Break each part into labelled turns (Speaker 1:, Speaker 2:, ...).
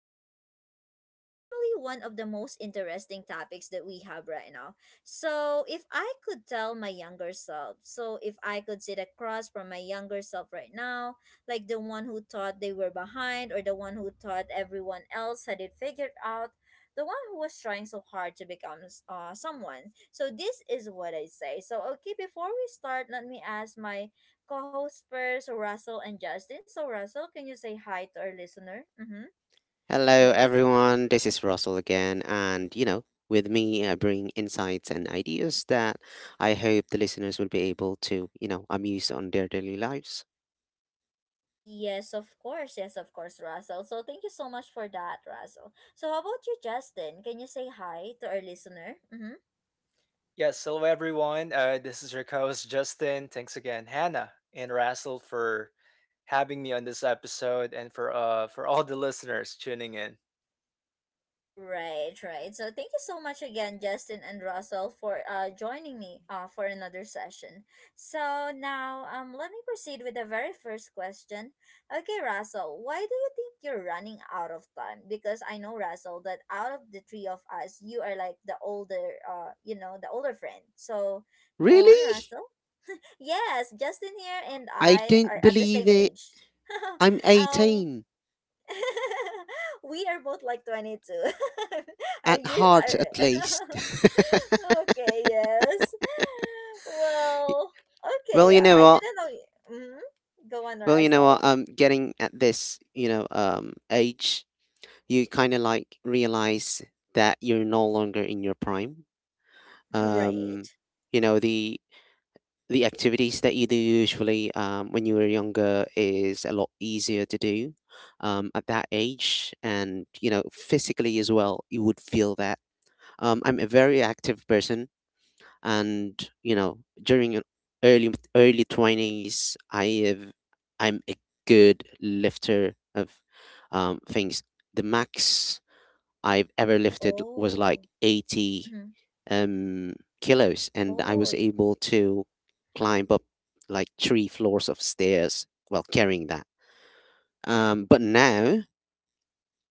Speaker 1: podcast is actually one of the most interesting topics that we have right now. So, if I could tell my younger self, so if I could sit across from my younger self right now, like the one who thought they were behind or the one who thought everyone else had it figured out, the one who was trying so hard to become someone. So, this is what I say. So, okay, before we start, let me ask my co-host first, so Russell and Justin. So Russell, can you say hi to our listener? Mm-hmm.
Speaker 2: Hello,
Speaker 1: Yes.
Speaker 2: everyone. This is Russell again. And, with me, I bring insights and ideas that I hope the listeners will be able to, amuse on their daily lives.
Speaker 1: Yes, of course. Yes, of course, Russell. So thank you so much for that, Russell. So how about you, Justin? Can you say hi to our listener? Mm-hmm.
Speaker 3: Yes, hello everyone. This is your co-host Justin. Thanks again, Hannah and Russell, for having me on this episode, and for all the listeners tuning in.
Speaker 1: Right, right. So thank you so much again, Justin and Russell, for joining me for another session. So now let me proceed with the very first question. Okay, Russell, why do you think you're running out of time? Because I know Russell that out of the three of us, you are like the older the older friend. So go on,
Speaker 2: Really?
Speaker 1: Russell. Yes, Justin here and
Speaker 2: I
Speaker 1: I are
Speaker 2: don't
Speaker 1: at the
Speaker 2: believe
Speaker 1: same
Speaker 2: it.
Speaker 1: age.
Speaker 2: I'm
Speaker 1: um
Speaker 2: 18,
Speaker 1: we are both like 22. are
Speaker 2: at
Speaker 1: you
Speaker 2: heart at least.
Speaker 1: are Okay, yes. Well,
Speaker 2: Well, you
Speaker 1: okay.
Speaker 2: know
Speaker 1: I
Speaker 2: what?
Speaker 1: didn't know. Mm-hmm. Go on,
Speaker 2: Well, you know what?
Speaker 1: Razzle.
Speaker 2: Um, getting at this, age, you kind of like realize that you're no longer in your prime. Um,
Speaker 1: Right.
Speaker 2: you know, the the activities that you do usually, when you were younger is a lot easier to do, at that age, and, physically as well, you would feel that. I'm a very active person. And, during your early 20s, I'm a good lifter of, things. The max I've ever lifted was
Speaker 1: Oh.
Speaker 2: like 80,
Speaker 1: Mm-hmm.
Speaker 2: um, kilos, and I was
Speaker 1: Oh.
Speaker 2: able to climb up like three floors of stairs while carrying that, but now,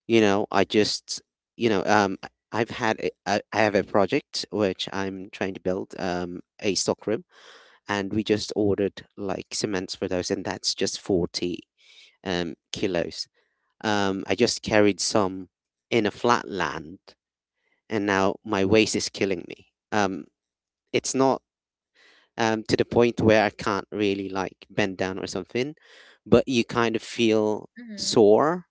Speaker 2: you know I just you know I- I've had a, I have a project which I'm trying to build, a stockroom, and we just ordered like cements for those, and that's just 40, kilos. I just carried some in a flat land, and now my waist is killing me. It's not, to the point where I can't really like bend down or something, but you kind of feel
Speaker 1: Mm-hmm.
Speaker 2: sore,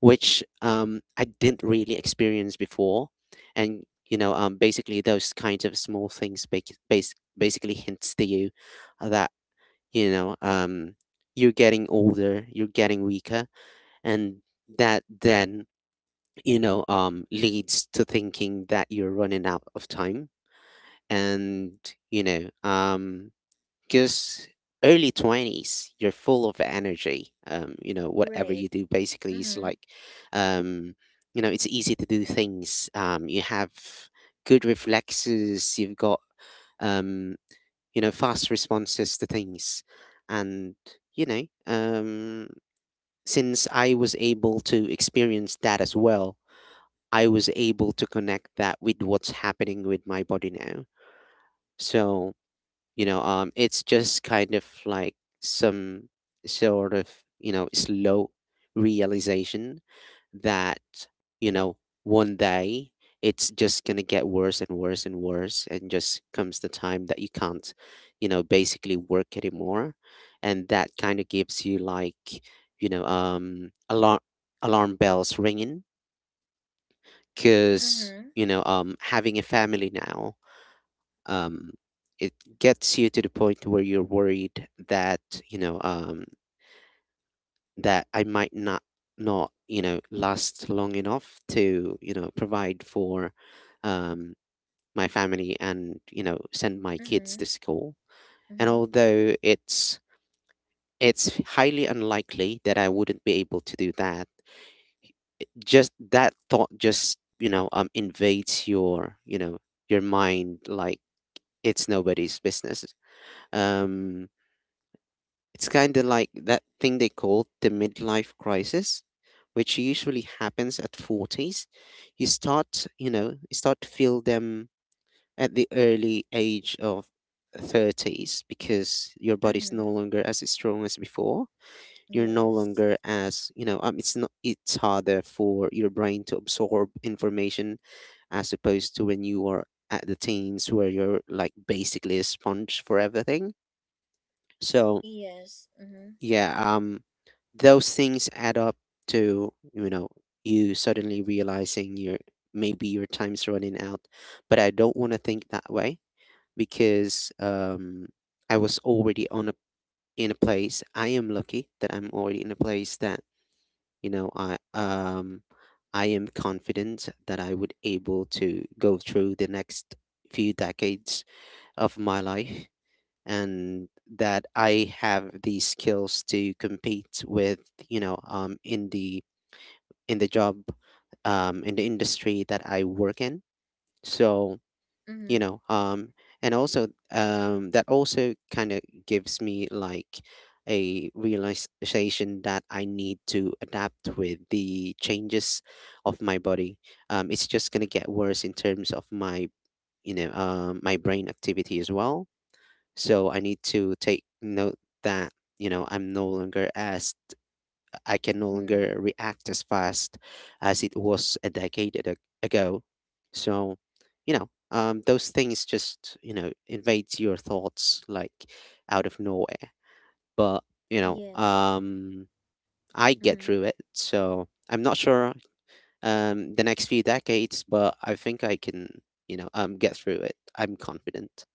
Speaker 2: which, I didn't really experience before. And, basically those kinds of small things basically hints to you that, you know um you're getting older, you're getting weaker, and that then, leads to thinking that you're running out of time. And, you know um because early 20s you're full of energy, whatever you
Speaker 1: Right.
Speaker 2: do basically is like,
Speaker 1: Mm-hmm.
Speaker 2: um it's easy to do things. You have good reflexes. You've got, um fast responses to things. And, you know, um, since I was able to experience that as well, I was able to connect that with what's happening with my body now. So, it's just kind of like some sort of, slow realization that, you know one day it's just going to get worse and worse and worse, and just comes the time that you can't, basically work anymore. And that kind of gives you like, you know um alarm alarm bells ringing, cuz,
Speaker 1: Mm-hmm.
Speaker 2: having a family now, um, it gets you to the point where you're worried that, you know um, that I might not, last long enough to, provide for, um, my family, and, send my kids to
Speaker 1: Mm-hmm.
Speaker 2: school. And
Speaker 1: Mm-hmm.
Speaker 2: although it's highly unlikely that I wouldn't be able to do that, just that thought just, invades your you know your mind like it's nobody's business. Um It's kind of like that thing they call the midlife crisis, which usually happens at 40s. You start to feel them at the early age of 30s because your body's no
Speaker 1: Mm-hmm.
Speaker 2: longer as strong as before. You're no longer
Speaker 1: Yes.
Speaker 2: as, it's not, it's harder for your brain to absorb information, as opposed to when you are at the teens where you're like basically a sponge for everything. So
Speaker 1: Yes. Mm-hmm.
Speaker 2: yeah, those things add up to, you suddenly realizing your maybe your time's running out. But I don't want to think that way because, I was already on a in a place I am lucky that I'm already in a place that, you know i um I am confident that I would able to go through the next few decades of my life, and that I have the skills to compete with, in the job, in the industry that I work in. So, you
Speaker 1: Mm-hmm.
Speaker 2: know, um, and also, that also kind of gives me like a realization that I need to adapt with the changes of my body. It's just gonna get worse in terms of my, my brain activity as well, so I need to take note that, I'm no longer as, I can no longer
Speaker 1: Mm.
Speaker 2: react as fast as it was a decade ago. So, those things just, invades your thoughts like out of nowhere. But, you know,
Speaker 1: Yes.
Speaker 2: um, I get
Speaker 1: Mm-hmm.
Speaker 2: through it. So I'm not sure, the next few decades, but I think I can, get through it. I'm confident.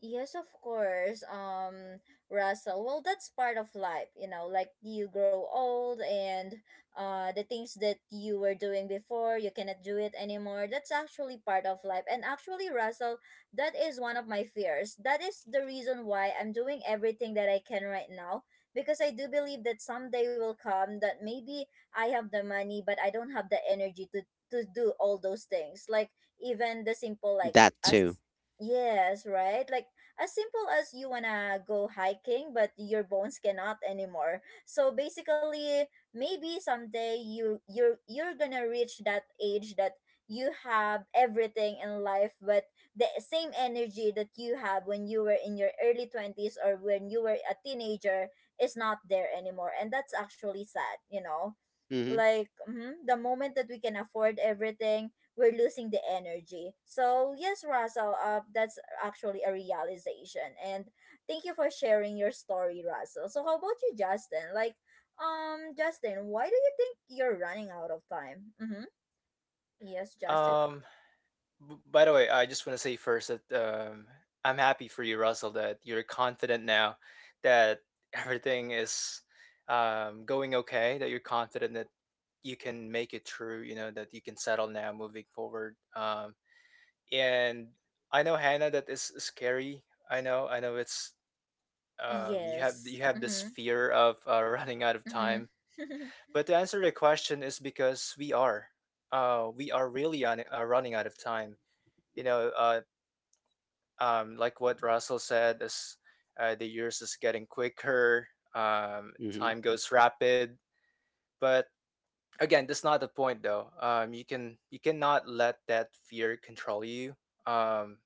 Speaker 1: Yes, of course. Russell. Well, that's part of life, you know, like you grow old, and the things that you were doing before, you cannot do it anymore. That's actually part of life. And actually, Russell, that is one of my fears. That is the reason why I'm doing everything that I can right now, because I do believe that someday will come that maybe I have the money, but I don't have the energy to do all those things. Like even the simple like
Speaker 2: That
Speaker 1: as
Speaker 2: too.
Speaker 1: Yes, right? Like as simple as you wanna go hiking, but your bones cannot anymore. So basically, maybe someday you're gonna reach that age that you have everything in life, but the same energy that you have when you were in your early 20s or when you were a teenager is not there anymore. And that's actually sad, you know?
Speaker 2: Mm-hmm.
Speaker 1: Like mhm, the moment that we can afford everything, we're losing the energy. So yes, Russell, that's actually a realization. And thank you for sharing your story, Russell. So how about you, Justin? Like, Justin, why do you think you're running out of time? Mm-hmm. Yes, Justin.
Speaker 3: Um, by the way, I just want to say first that I'm happy for you, Russell, that you're confident now that everything is going okay. That you're confident that you can make it through. You know that you can settle now, moving forward. And I know Hannah that is scary. I know it's you have
Speaker 1: Yes.
Speaker 3: you have this
Speaker 1: Mm-hmm.
Speaker 3: fear of running out of
Speaker 1: Mm-hmm.
Speaker 3: time, but to answer the question is because we are really running out of time. You know, uh, like what Russell said, is the years is getting quicker.
Speaker 2: Mm-hmm.
Speaker 3: Time goes rapid, but again, that's not the point though. You cannot let that fear control you. Um,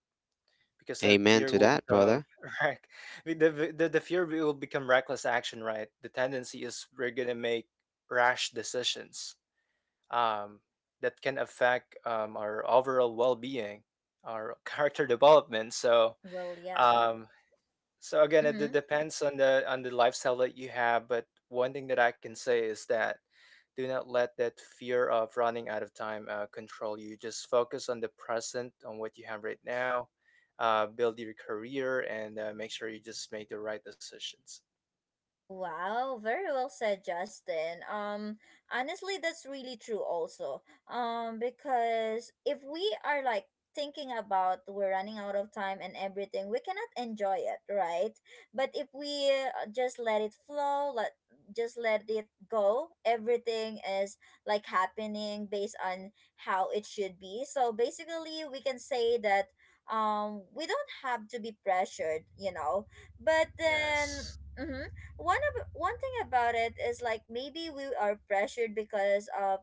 Speaker 3: because that
Speaker 2: Amen
Speaker 3: fear
Speaker 2: to
Speaker 3: will
Speaker 2: that,
Speaker 3: become
Speaker 2: brother.
Speaker 3: right the fear will become reckless action, right? The tendency is we're gonna make rash decisions um that can affect our overall well-being, our character development. so
Speaker 1: well, yeah.
Speaker 3: um so again,
Speaker 1: Mm-hmm.
Speaker 3: depends on the lifestyle that you have, but one thing that I can say is that do not let that fear of running out of time control you. Just focus on the present, on what you have right now, build your career, and make sure you just make the right decisions.
Speaker 1: Wow, very well said, Justin. Honestly, that's really true also. Because if we are like thinking about we're running out of time and everything, we cannot enjoy it, right? But if we just let it flow, let just let it go, everything is like happening based on how it should be. So basically, we can say that we don't have to be pressured, you know. But then
Speaker 3: Yes,
Speaker 1: mhm, one thing about it is like maybe we are pressured because of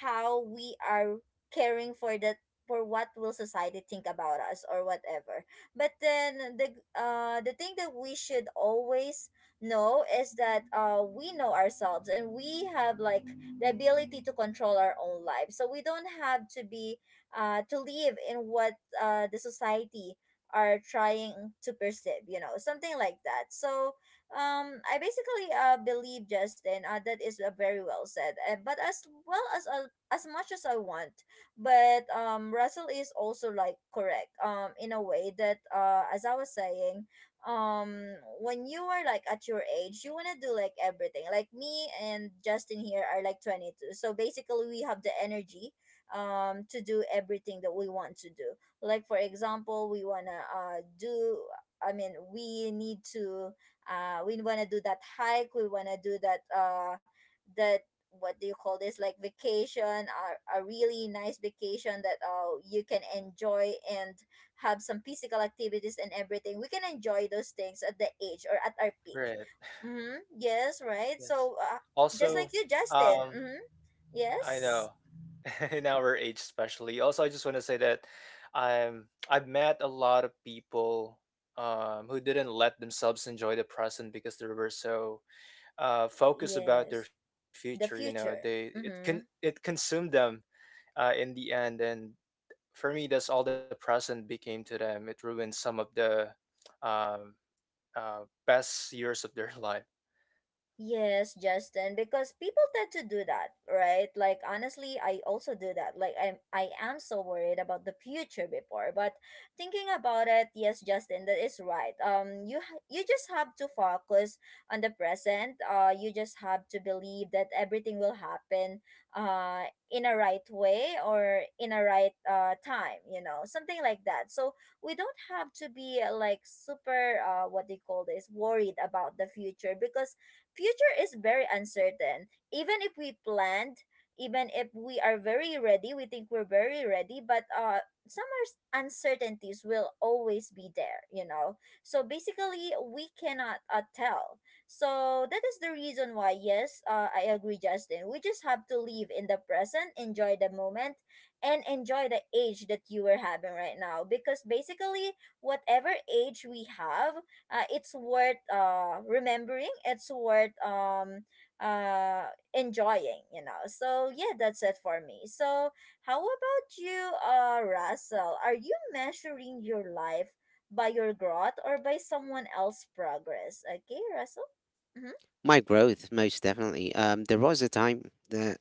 Speaker 1: how we are caring for that, for what will society think about us or whatever, but then the thing that we should always know is that we know ourselves and we have like the ability to control our own lives, so we don't have to be to live in what the society are trying to perceive, you know, something like that. So I basically believe, Justin, that is very well said, but as well as much as I want. But Russell is also like correct in a way that as I was saying, um when you are like at your age, you want to do like everything. Like me and Justin here are like 22, so basically we have the energy to do everything that we want to do. Like for example, we want to do I mean we need to we want to do that hike, we want to do that that what do you call this, like vacation, a really nice vacation that you can enjoy and have some physical activities, and everything we can enjoy those things at the age or at our peak.
Speaker 3: great.
Speaker 1: Mm-hmm. Yes, right?
Speaker 3: Yes.
Speaker 1: So just like
Speaker 3: Also,
Speaker 1: you, Justin.
Speaker 3: um,
Speaker 1: Mm-hmm.
Speaker 3: I
Speaker 1: Yes
Speaker 3: know in our age, especially. Also, I just want to say that I've met a lot of people who didn't let themselves enjoy the present because they were so focus about their
Speaker 1: yes
Speaker 3: future. You
Speaker 1: the
Speaker 3: know, they it
Speaker 1: future.
Speaker 3: can
Speaker 1: Mm-hmm.
Speaker 3: it consumed them in the end, and for me, that's all the present became to them. It ruined some of the um, uh, best years of their life.
Speaker 1: Yes, Justin, because people tend to do that, right? Like honestly, I also do that. Like I am so worried about the future before, but thinking about it, yes, Justin, that is right. You ha- you just have to focus on the present. You just have to believe that everything will happen uh in a right way or in a right time, you know, something like that. So we don't have to be like super what they call this worried about the future, because future is very uncertain. Even if we planned, even if we are very ready, we think we're very ready, but uncertainties will always be there, you know. So basically, we cannot tell. So that is the reason why, yes, I agree, Justin. We just have to live in the present, enjoy the moment, and enjoy the age that you are having right now. Because basically, whatever age we have, it's worth remembering, it's worth uh enjoying, you know. So yeah, that's it for me. So how about you, Russell? Are you measuring your life by your growth or by someone else's progress? Okay, Russell. Mm-hmm.
Speaker 2: My growth, most definitely. There was a time that,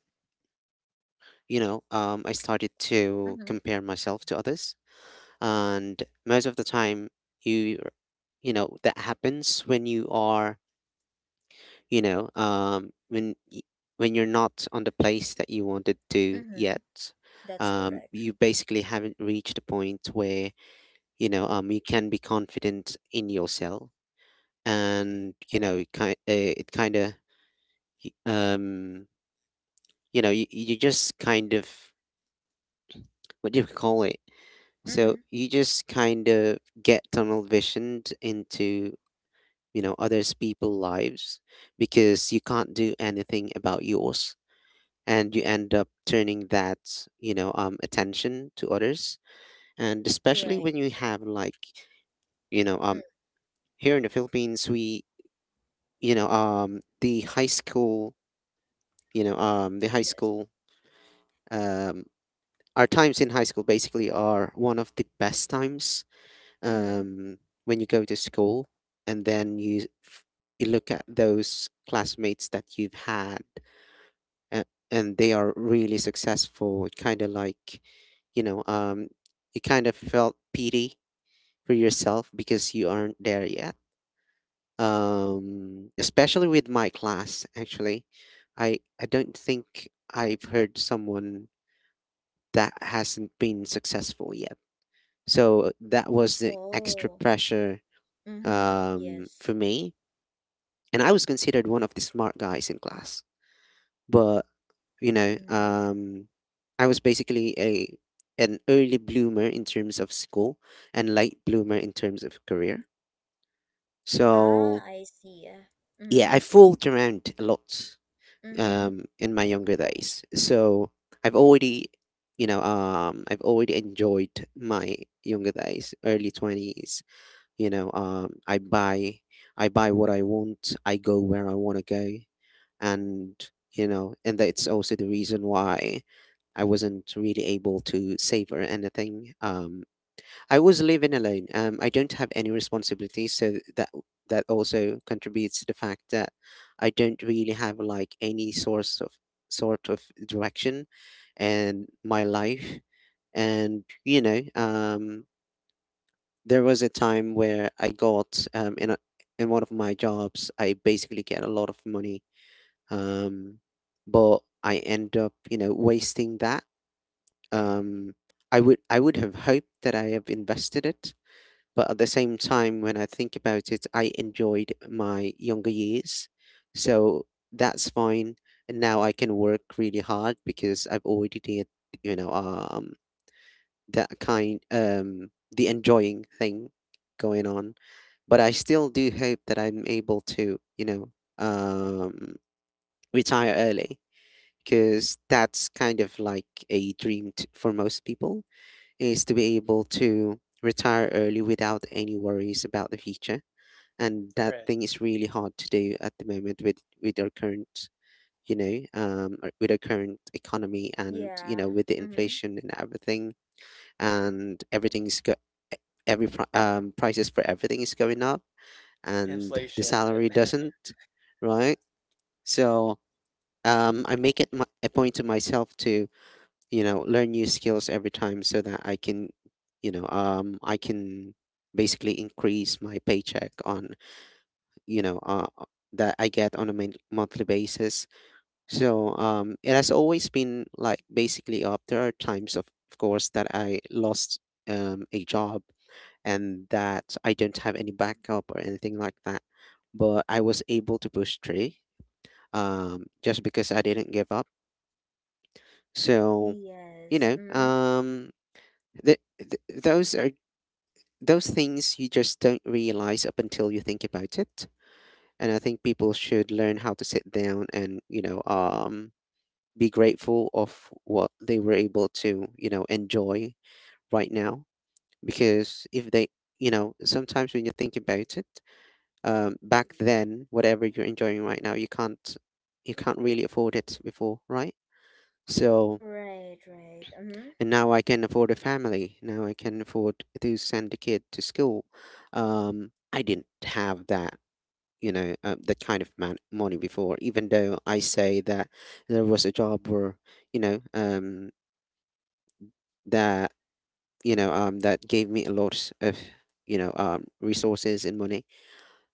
Speaker 2: I started to
Speaker 1: Mm-hmm.
Speaker 2: compare myself to others. And most of the time, you, that happens when you are, you know, um, when, y- when you're not on the place that you wanted to
Speaker 1: Mm-hmm.
Speaker 2: yet.
Speaker 1: That's
Speaker 2: Um,
Speaker 1: correct.
Speaker 2: you basically haven't reached a point where, you can be confident in yourself. And, it kind of, um, you just kind of, what do you call it, so
Speaker 1: Mm-hmm.
Speaker 2: you just kind of get tunnel visioned into, others people's lives because you can't do anything about yours, and you end up turning that, attention to others. And especially
Speaker 1: Right.
Speaker 2: when you have like, you know
Speaker 1: Mm,
Speaker 2: um here in the Philippines, we, you know the high school you know the high
Speaker 1: yes.
Speaker 2: school, um our times in high school basically are one of the best times,
Speaker 1: Mm-hmm.
Speaker 2: um, when you go to school, and then you you look at those classmates that you've had, and, they are really successful. It kind of like, you know um, you kind of felt pity for yourself because you aren't there yet, especially with my class, actually. I don't think I've heard someone that hasn't been successful yet, so that was the extra
Speaker 1: Oh.
Speaker 2: pressure,
Speaker 1: Mm-hmm. Yes.
Speaker 2: for me, and I was considered one of the smart guys in class. But, you know,
Speaker 1: Mm-hmm.
Speaker 2: um, I was basically, a an early bloomer in terms of school, and late bloomer in terms of career. So
Speaker 1: Ah, I see. Mm-hmm.
Speaker 2: yeah, I fooled around a lot,
Speaker 1: Mm-hmm.
Speaker 2: in my younger days. So I've already, I've already enjoyed my younger days, early 20s. You know, um, I buy, I buy what I want. I go where I want to go. And, that's also the reason why I wasn't really able to savor anything. I was living alone. I don't have any responsibilities, so that also contributes to the fact that I don't really have like any source of sort of direction in my life. And, there was a time where I got, in one of my jobs, I basically get a lot of money, um, but I end up, wasting that. Um, I would have hoped that I have invested it, but at the same time, when I think about it, I enjoyed my younger years, so that's fine. And now I can work really hard because I've already did, you know, um, the enjoying thing going on. But I still do hope that I'm able to, um, retire early, because that's kind of like a dream for most people, is to be able to retire early without any worries about the future. And that
Speaker 3: Right,
Speaker 2: thing is really hard to do at the moment, with our current you know with our current economy, and,
Speaker 1: Yeah.
Speaker 2: with the
Speaker 1: Mm-hmm.
Speaker 2: inflation and everything, and everything's go- every pri- prices for everything is going up, and the
Speaker 3: inflation.
Speaker 2: salary
Speaker 3: Right.
Speaker 2: doesn't. Right. So, I make it, a point to myself to, learn new skills every time, so that I can basically increase my paycheck on, you know uh uh, that I get on a monthly basis. So, it has always been like basically up. There are times, of course, that I lost, a job, and that I don't have any backup or anything like that, but I was able to push through, just because I didn't give up. So, you
Speaker 1: Yes.
Speaker 2: know
Speaker 1: Mm-hmm.
Speaker 2: um Th- th- those are those things you just don't realize up until you think about it. And I think people should learn how to sit down and, be grateful of what they were able to, enjoy right now. Because if they, sometimes when you think about it, back then whatever you're enjoying right now you can't really afford it before, right? So,
Speaker 1: Right, right. Mm-hmm.
Speaker 2: and now I can afford a family. Now I can afford to send a kid to school. I didn't have that, that kind of money before. Even though I say that there was a job where, you know, um, that that gave me a lot of, resources and money.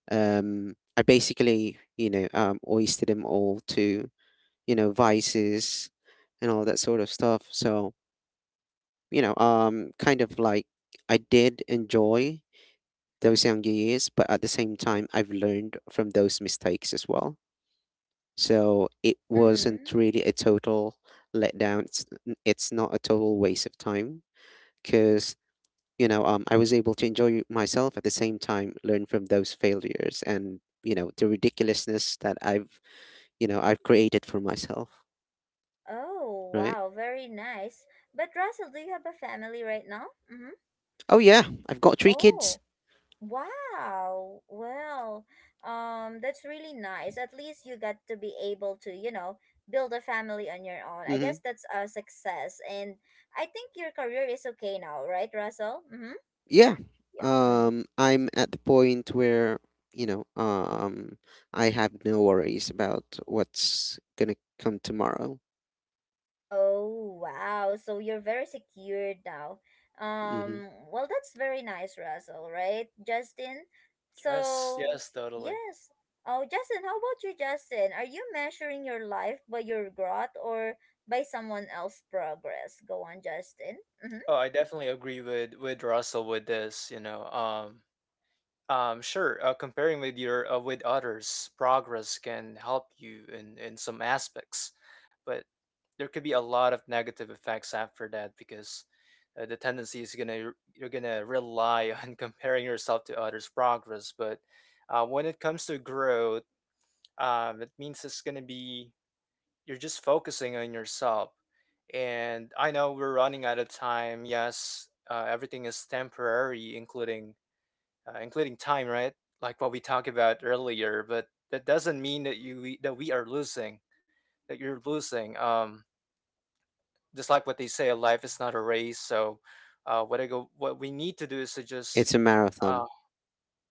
Speaker 2: I basically, wasted them all to, vices and all that sort of stuff. So kind of like I did enjoy those younger years, but at the same time, I've learned from those mistakes as well. So it wasn't
Speaker 1: Mm-hmm.
Speaker 2: really a total letdown. It's not a total waste of time because, I was able to enjoy myself at the same time, learn from those failures and, the ridiculousness that I've created for myself.
Speaker 1: Oh,
Speaker 2: Right.
Speaker 1: wow, very nice. But Russell, do you have a family right now? Mm-hmm.
Speaker 2: Oh, yeah. I've got three kids.
Speaker 1: Oh, wow. Well, that's really nice. At least you got to be able to, you know, build a family on your own. I
Speaker 2: Mm-hmm.
Speaker 1: guess that's a success. And I think your career is okay now, right, Russell? Mm-hmm.
Speaker 2: Yeah.
Speaker 1: Yeah. Mm-hmm.
Speaker 2: I'm at the point where you know um I have no worries about what's gonna come tomorrow.
Speaker 1: Oh, wow. So you're very secured now.
Speaker 2: Hmm.
Speaker 1: Well, that's very nice, Russell, right, Justin?
Speaker 3: Yes,
Speaker 1: So,
Speaker 3: yes, totally.
Speaker 1: yes. Oh, Justin, how about you, Justin? Are you measuring your life by your growth or by someone else's progress? Go on, Justin. Mm-hmm.
Speaker 3: Oh, I definitely agree with Russell with this. Sure. Comparing with your with others, progress can help you in some aspects, but there could be a lot of negative effects after that because the tendency is gonna you're gonna rely on comparing yourself to others' progress. But when it comes to growth, it means it's gonna be you're just focusing on yourself. And I know we're running out of time. Yes, everything is temporary, including time, right? Like what we talked about earlier. But that doesn't mean that that we are losing, that you're losing. Just like what they say, life is not a race. So, what we need to do is to just
Speaker 2: It's a
Speaker 3: uh,
Speaker 2: marathon.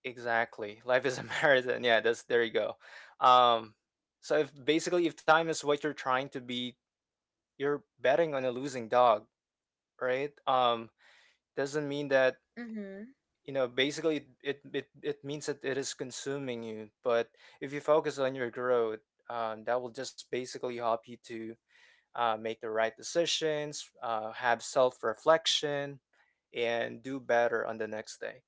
Speaker 3: exactly, life is a marathon. Yeah, that's there you go. Um, so if basically, if time is what you're trying to be, you're betting on a losing dog, right? Doesn't mean that
Speaker 1: Mm-hmm.
Speaker 3: you know basically it means that it is consuming you, but if you focus on your growth, that will just basically help you to make the right decisions, have self-reflection and do better on the next day.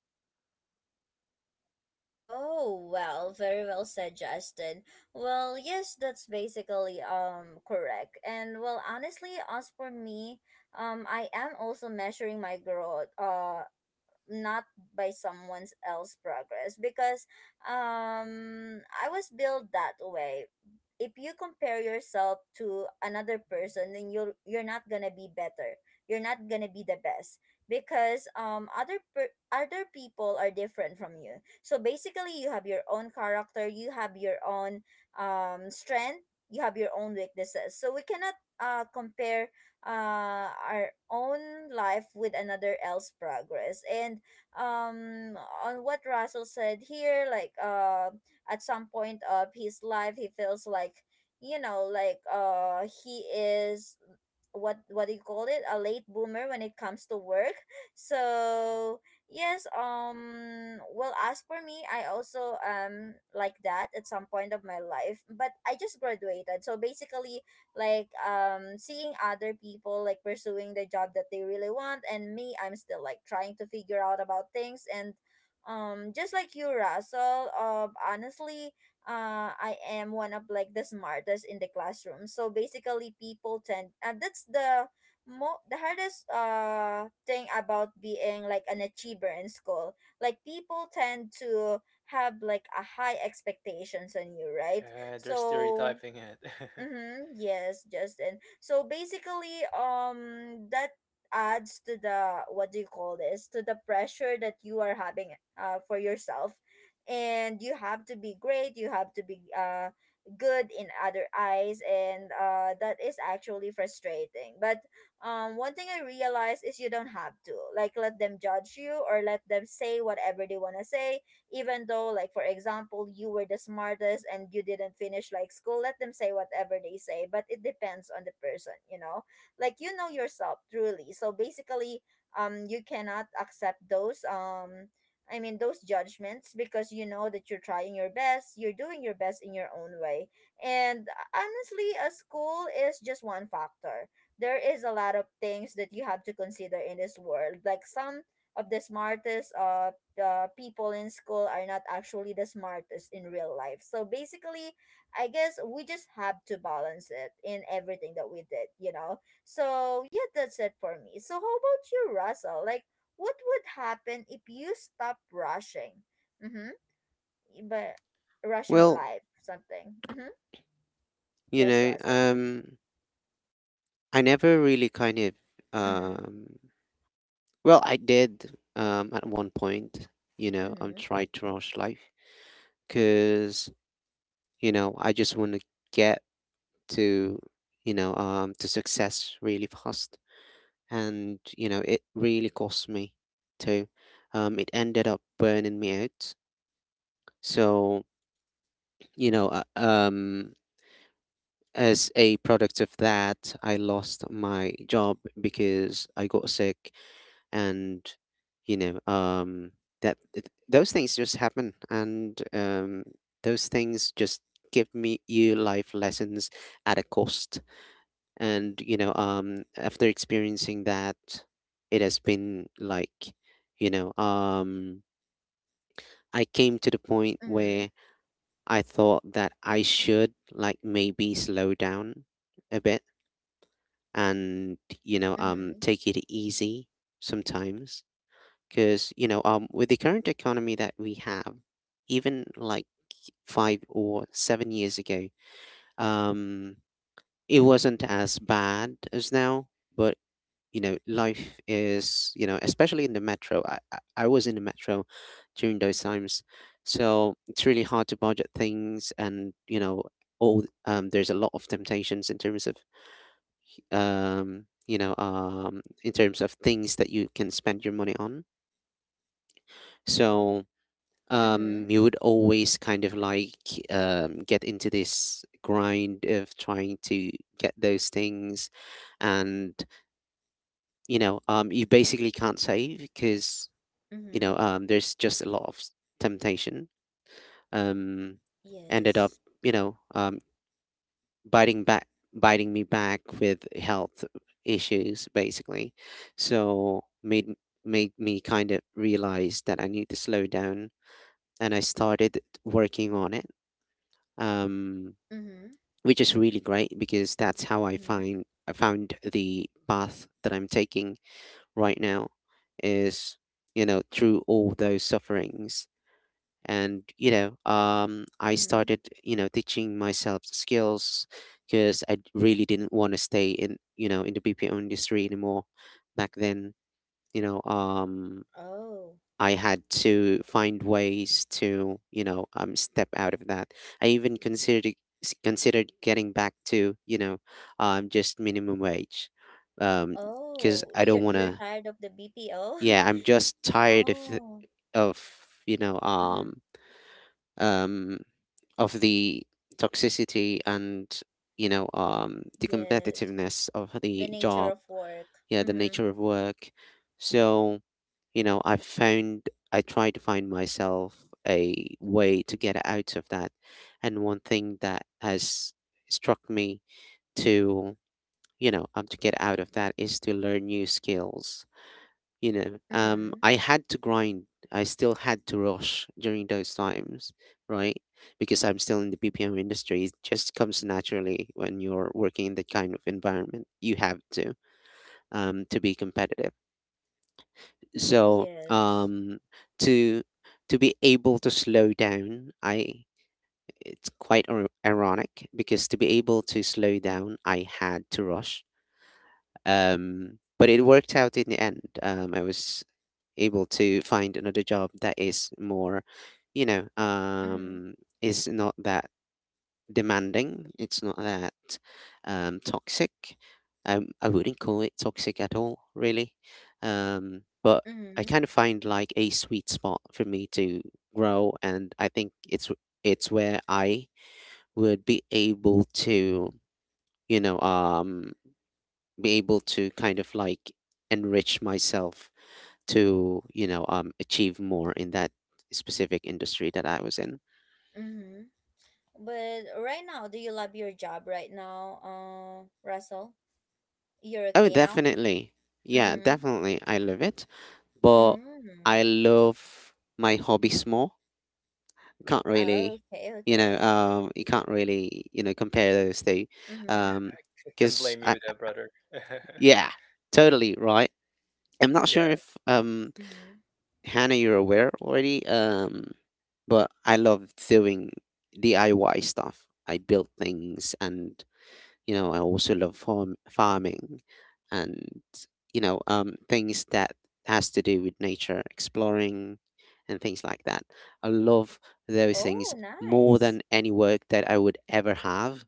Speaker 1: Oh, well, very well said, Justin. Well, yes, that's basically correct. And well, honestly, as for me, I am also measuring my growth. Not by someone else's progress, because I was built that way. If you compare yourself to another person, then you're not gonna be better. You're not gonna be the best, because other people are different from you. So basically, you have your own character, you have your own strength, you have your own weaknesses. So we cannot compare our own life with another else progress. And um on what Russell said here, like at some point of his life he feels like, you know, like he is what do you call it? A late boomer when it comes to work. So yes, well, as for me, I also like that at some point of my life. But I just graduated, so basically like seeing other people like pursuing the job that they really want, and me, I'm still like trying to figure out about things. And just like you, Russell, honestly, I am one of like the smartest in the classroom, so basically people tend, and that's the the hardest thing about being like an achiever in school. Like people tend to have like a high expectations on you, right?
Speaker 3: Yeah, they're
Speaker 1: So
Speaker 3: stereotyping it. Yeah,
Speaker 1: Mm-hmm. Yes, Justin. So basically, that adds to the what do you call this? To the pressure that you are having, for yourself, and you have to be great. You have to be good in other eyes, and that is actually frustrating. But one thing I realized is you don't have to like let them judge you or let them say whatever they wanna say, even though like for example you were the smartest and you didn't finish like school, let them say whatever they say, but it depends on the person, you know. Like you know yourself truly, so basically you cannot accept those those judgments, because you know that you're trying your best, you're doing your best in your own way. And honestly, a school is just one factor. There is a lot of things that you have to consider in this world. Like some of the smartest the people in school are not actually the smartest in real life. So basically, I guess we just have to balance it in everything that we did, you know? So yeah, that's it for me. So how about you, Russell? Like, what would happen if you stop rushing? Mm-hmm. But rushing
Speaker 2: Well,
Speaker 1: life, something. Mm-hmm.
Speaker 2: you
Speaker 1: Yes,
Speaker 2: know
Speaker 1: Russell.
Speaker 2: um I never really kind of
Speaker 1: Mm-hmm.
Speaker 2: um well, I did at one point, you know, I'm
Speaker 1: Mm-hmm.
Speaker 2: trying to rush life because, you know, I just want to get to, to success really fast. And you know it really cost me too. It ended up burning me out. So you know uh, um as a product of that, I lost my job because I got sick. And you know um those things just happen. And those things just give me you life lessons at a cost. And after experiencing that, it has been like you know um I came to the point
Speaker 1: Mm-hmm.
Speaker 2: where I thought that I should like maybe slow down a bit and,
Speaker 1: Mm-hmm.
Speaker 2: take it easy sometimes. Because with the current economy that we have, even like 5 or 7 years ago, um it wasn't as bad as now. But you know life is, you know, especially in the metro, I was in the metro during those times. So it's really hard to budget things. And you know all there's a lot of temptations in terms of, in terms of things that you can spend your money on. So
Speaker 1: Mm-hmm.
Speaker 2: um you would always kind of like get into this grind of trying to get those things. And you basically can't save because,
Speaker 1: Mm-hmm.
Speaker 2: there's just a lot of temptation. Um, ended up,
Speaker 1: Yes.
Speaker 2: you know, um, biting back, biting me back with health issues, basically. So made me kind of realize that I need to slow down, and I started working on it, um,
Speaker 1: Mm-hmm.
Speaker 2: which is really great because that's how I
Speaker 1: Mm-hmm.
Speaker 2: find I found the path that I'm taking right now, is through all those sufferings. And I
Speaker 1: Mm-hmm.
Speaker 2: started, you know, teaching myself the skills because I really didn't want to stay in, you know, in the BPO industry anymore back then. you know um
Speaker 1: Oh.
Speaker 2: I had to find ways to, step out of that. I even considered getting back to, just minimum wage, um because
Speaker 1: Oh,
Speaker 2: I don't
Speaker 1: you're
Speaker 2: want
Speaker 1: you're
Speaker 2: to,
Speaker 1: tired of the BPO?
Speaker 2: yeah, I'm just tired of
Speaker 1: Oh,
Speaker 2: of,
Speaker 1: mm-hmm.
Speaker 2: um, of the toxicity and, the
Speaker 1: Yes.
Speaker 2: competitiveness of
Speaker 1: The
Speaker 2: the
Speaker 1: nature
Speaker 2: job,
Speaker 1: of work.
Speaker 2: yeah, the
Speaker 1: Mm-hmm.
Speaker 2: nature of work. So, you know, I found I try to find myself a way to get out of that. And one thing that has struck me to, to get out of that is to learn new skills.
Speaker 1: Mm-hmm.
Speaker 2: I had to grind. I still had to rush during those times, right? Because I'm still in the BPM industry. It just comes naturally when you're working in that kind of environment. You have to be competitive. So
Speaker 1: Yes.
Speaker 2: to to be able to slow down, I it's quite ironic because to be able to slow down, I had to rush. But it worked out in the end. I was able to find another job that is more, you know,
Speaker 1: Mm-hmm.
Speaker 2: um, is not that demanding. It's not that toxic. I wouldn't call it toxic at all, really. But I
Speaker 1: Mm-hmm.
Speaker 2: kind of find like a sweet spot for me to grow, and I think it's where I would be able to, you know, um, be able to kind of like enrich myself to, achieve more in that specific industry that I was in.
Speaker 1: Mm-hmm. But right now, do you love your job right now, Russell? You're
Speaker 2: Oh,
Speaker 1: okay now?
Speaker 2: definitely. Yeah,
Speaker 1: Mm-hmm.
Speaker 2: definitely. I love it, but
Speaker 1: Mm-hmm.
Speaker 2: I love my hobbies more. Can't really,
Speaker 1: Okay, okay.
Speaker 2: you can't really, compare those two,
Speaker 1: Mm-hmm.
Speaker 2: um,
Speaker 3: I can blame
Speaker 2: because
Speaker 3: you with
Speaker 2: I,
Speaker 3: that, brother.
Speaker 2: yeah, totally right. I'm not
Speaker 3: Yeah,
Speaker 2: sure if
Speaker 1: Mm-hmm.
Speaker 2: Hannah, you're aware already, but I love doing DIY stuff. I build things. And you know I also love farming and, things that has to do with nature, exploring and things like that. I love those things
Speaker 1: Oh,
Speaker 2: more
Speaker 1: nice.
Speaker 2: than any work that I would ever have.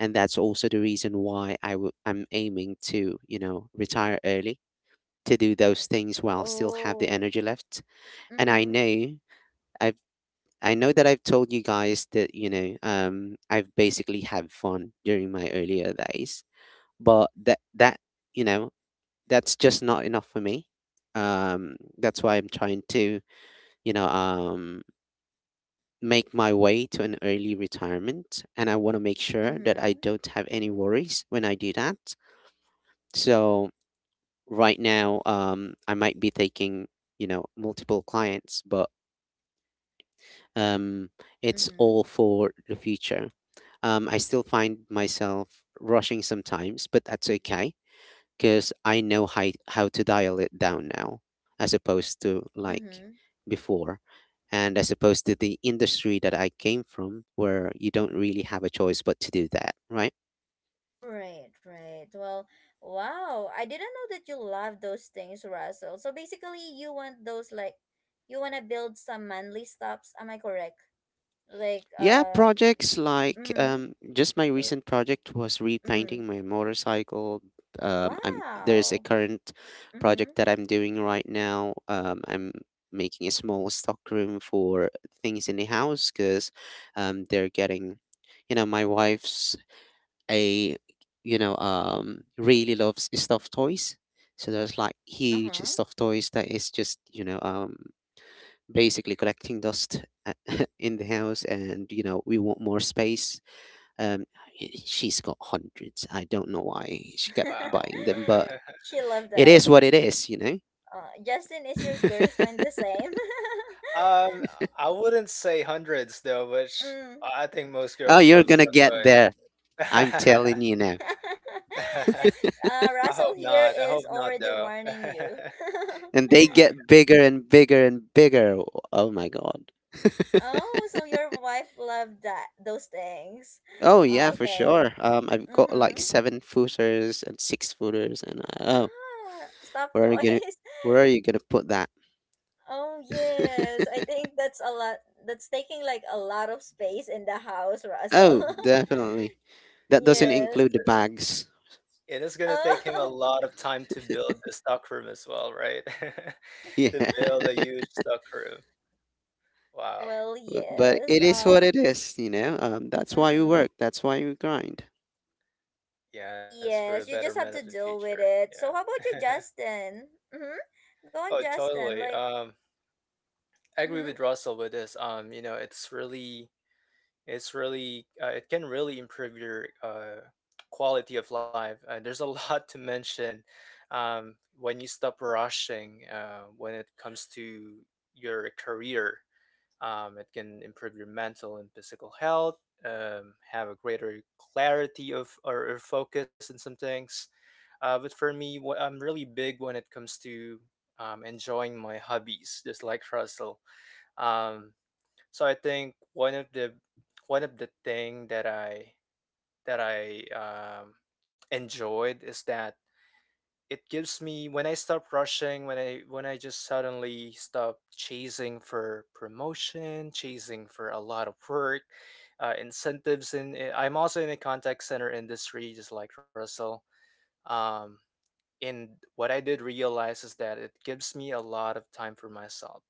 Speaker 2: And that's also the reason why I'm aiming to, you know, retire early, to do those things while still have the
Speaker 1: Oh.
Speaker 2: energy left. And
Speaker 1: Mm-hmm.
Speaker 2: i've I know that I've told you guys that, I've basically had fun during my earlier days, but that that you know that's just not enough for me. That's why I'm trying to, you know um make my way to an early retirement. And I want to make sure that I
Speaker 1: Mm-hmm.
Speaker 2: don't have any worries when I do that. So right now, I might be taking, you know, multiple clients, but um it's
Speaker 1: Mm-hmm.
Speaker 2: all for the future. I still find myself rushing sometimes, but that's okay because I know how to dial it down now, as opposed to like
Speaker 1: Mm-hmm.
Speaker 2: before. And as opposed to the industry that I came from, where you don't really have a choice but to do that, right?
Speaker 1: Right, right. Well, wow. I didn't know that you love those things, Russell. So basically, you want those like you want to build some manly stops. Am I correct? Like,
Speaker 2: Yeah, projects like
Speaker 1: mm,
Speaker 2: just my
Speaker 1: you-
Speaker 2: recent project was repainting
Speaker 1: mm.
Speaker 2: my motorcycle. I'm there's a
Speaker 1: Wow.
Speaker 2: current
Speaker 1: Mm-hmm.
Speaker 2: project that I'm doing right now. I'm making a small stockroom for things in the house because they're getting, you know, my wife's a, really loves stuffed toys. So there's like huge
Speaker 1: Uh-huh.
Speaker 2: stuffed toys that is just, basically collecting dust, in the house, and you know we want more space. um she's got hundreds, I don't know why she kept
Speaker 3: wow.
Speaker 2: buying them, but
Speaker 1: She loved
Speaker 2: it is
Speaker 1: us.
Speaker 2: what it is, you know.
Speaker 1: Justin, is your girlfriend the same?
Speaker 3: um I wouldn't say hundreds though, which
Speaker 1: mm.
Speaker 3: I think most
Speaker 2: Oh,
Speaker 3: girls
Speaker 2: you're
Speaker 3: love
Speaker 2: gonna
Speaker 3: stuff
Speaker 2: get there, I'm
Speaker 3: toys.
Speaker 2: telling you now.
Speaker 3: I hope
Speaker 1: Russell here
Speaker 3: not. I hope
Speaker 1: is
Speaker 3: not,
Speaker 1: already
Speaker 3: though.
Speaker 1: warning you.
Speaker 3: I,
Speaker 2: And they get bigger and bigger and bigger. Oh my god.
Speaker 1: Oh, so your wife loved that those things.
Speaker 2: Oh yeah, for
Speaker 1: Okay.
Speaker 2: sure. I've got like
Speaker 1: Mm-hmm.
Speaker 2: seven footers and six footers, and I, oh,
Speaker 1: Ah, stuffed
Speaker 2: where are you gonna,
Speaker 1: toys.
Speaker 2: where are you gonna put that?
Speaker 1: Oh yes. I think that's a lot that's taking like a lot of space in the house,
Speaker 2: Oh,
Speaker 1: Russell.
Speaker 2: definitely. That
Speaker 3: yeah,
Speaker 2: doesn't
Speaker 1: Yes.
Speaker 2: include the bags.
Speaker 3: it is going to take him a
Speaker 1: Oh.
Speaker 3: lot of time to build the stock room as well, right? To
Speaker 2: Yeah,
Speaker 3: build a huge stock room. Wow.
Speaker 1: Well,
Speaker 2: but
Speaker 1: yes.
Speaker 2: it is what
Speaker 1: Oh.
Speaker 2: it is, you know. That's why we
Speaker 1: Mm-hmm.
Speaker 2: work. That's why we grind.
Speaker 3: Yes, for the
Speaker 1: Yes, you
Speaker 3: betterment
Speaker 1: just
Speaker 3: of the
Speaker 1: have to deal
Speaker 3: future.
Speaker 1: with it. So how
Speaker 3: Yeah.
Speaker 1: about you, Justin? Mm-hmm. Go on,
Speaker 3: Oh,
Speaker 1: Justin.
Speaker 3: totally.
Speaker 1: Like,
Speaker 3: I agree
Speaker 1: mm-hmm.
Speaker 3: with Russell with this. You know, it's really it can really improve your quality of life. There's a lot to mention um, when you stop rushing, when it comes to your career. It can improve your mental and physical health, have a greater clarity of or focus in some things. But for me, I'm really big when it comes to enjoying my hobbies, just like Russell. Um, so I think one of the thing that I enjoyed is that it gives me when I stop rushing, when I just suddenly stop chasing for promotion, chasing for a lot of work, incentives, and I'm also in the contact center industry, just like Russell. Um, and what I did realize is that it gives me a lot of time for myself,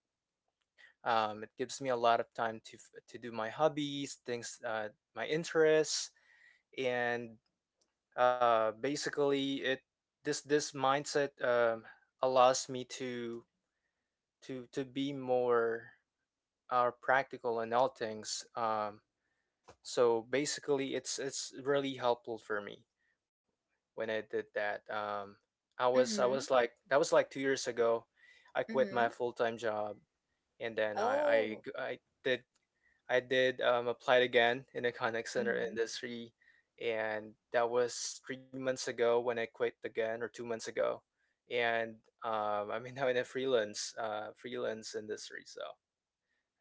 Speaker 3: it gives me a lot of time to do my hobbies, things, my interests, and basically, it this this mindset allows me to to be more practical in all things. So basically, it's really helpful for me when I did that. I
Speaker 1: Mm-hmm.
Speaker 3: was like that was like 2 years ago. I quit my
Speaker 1: Mm-hmm.
Speaker 3: full time job, and then
Speaker 1: Oh.
Speaker 3: I did applied again in the contact center
Speaker 1: Mm-hmm.
Speaker 3: industry, and that was 3 months ago when I quit again, or 2 months ago, and I'm now in a freelance industry, so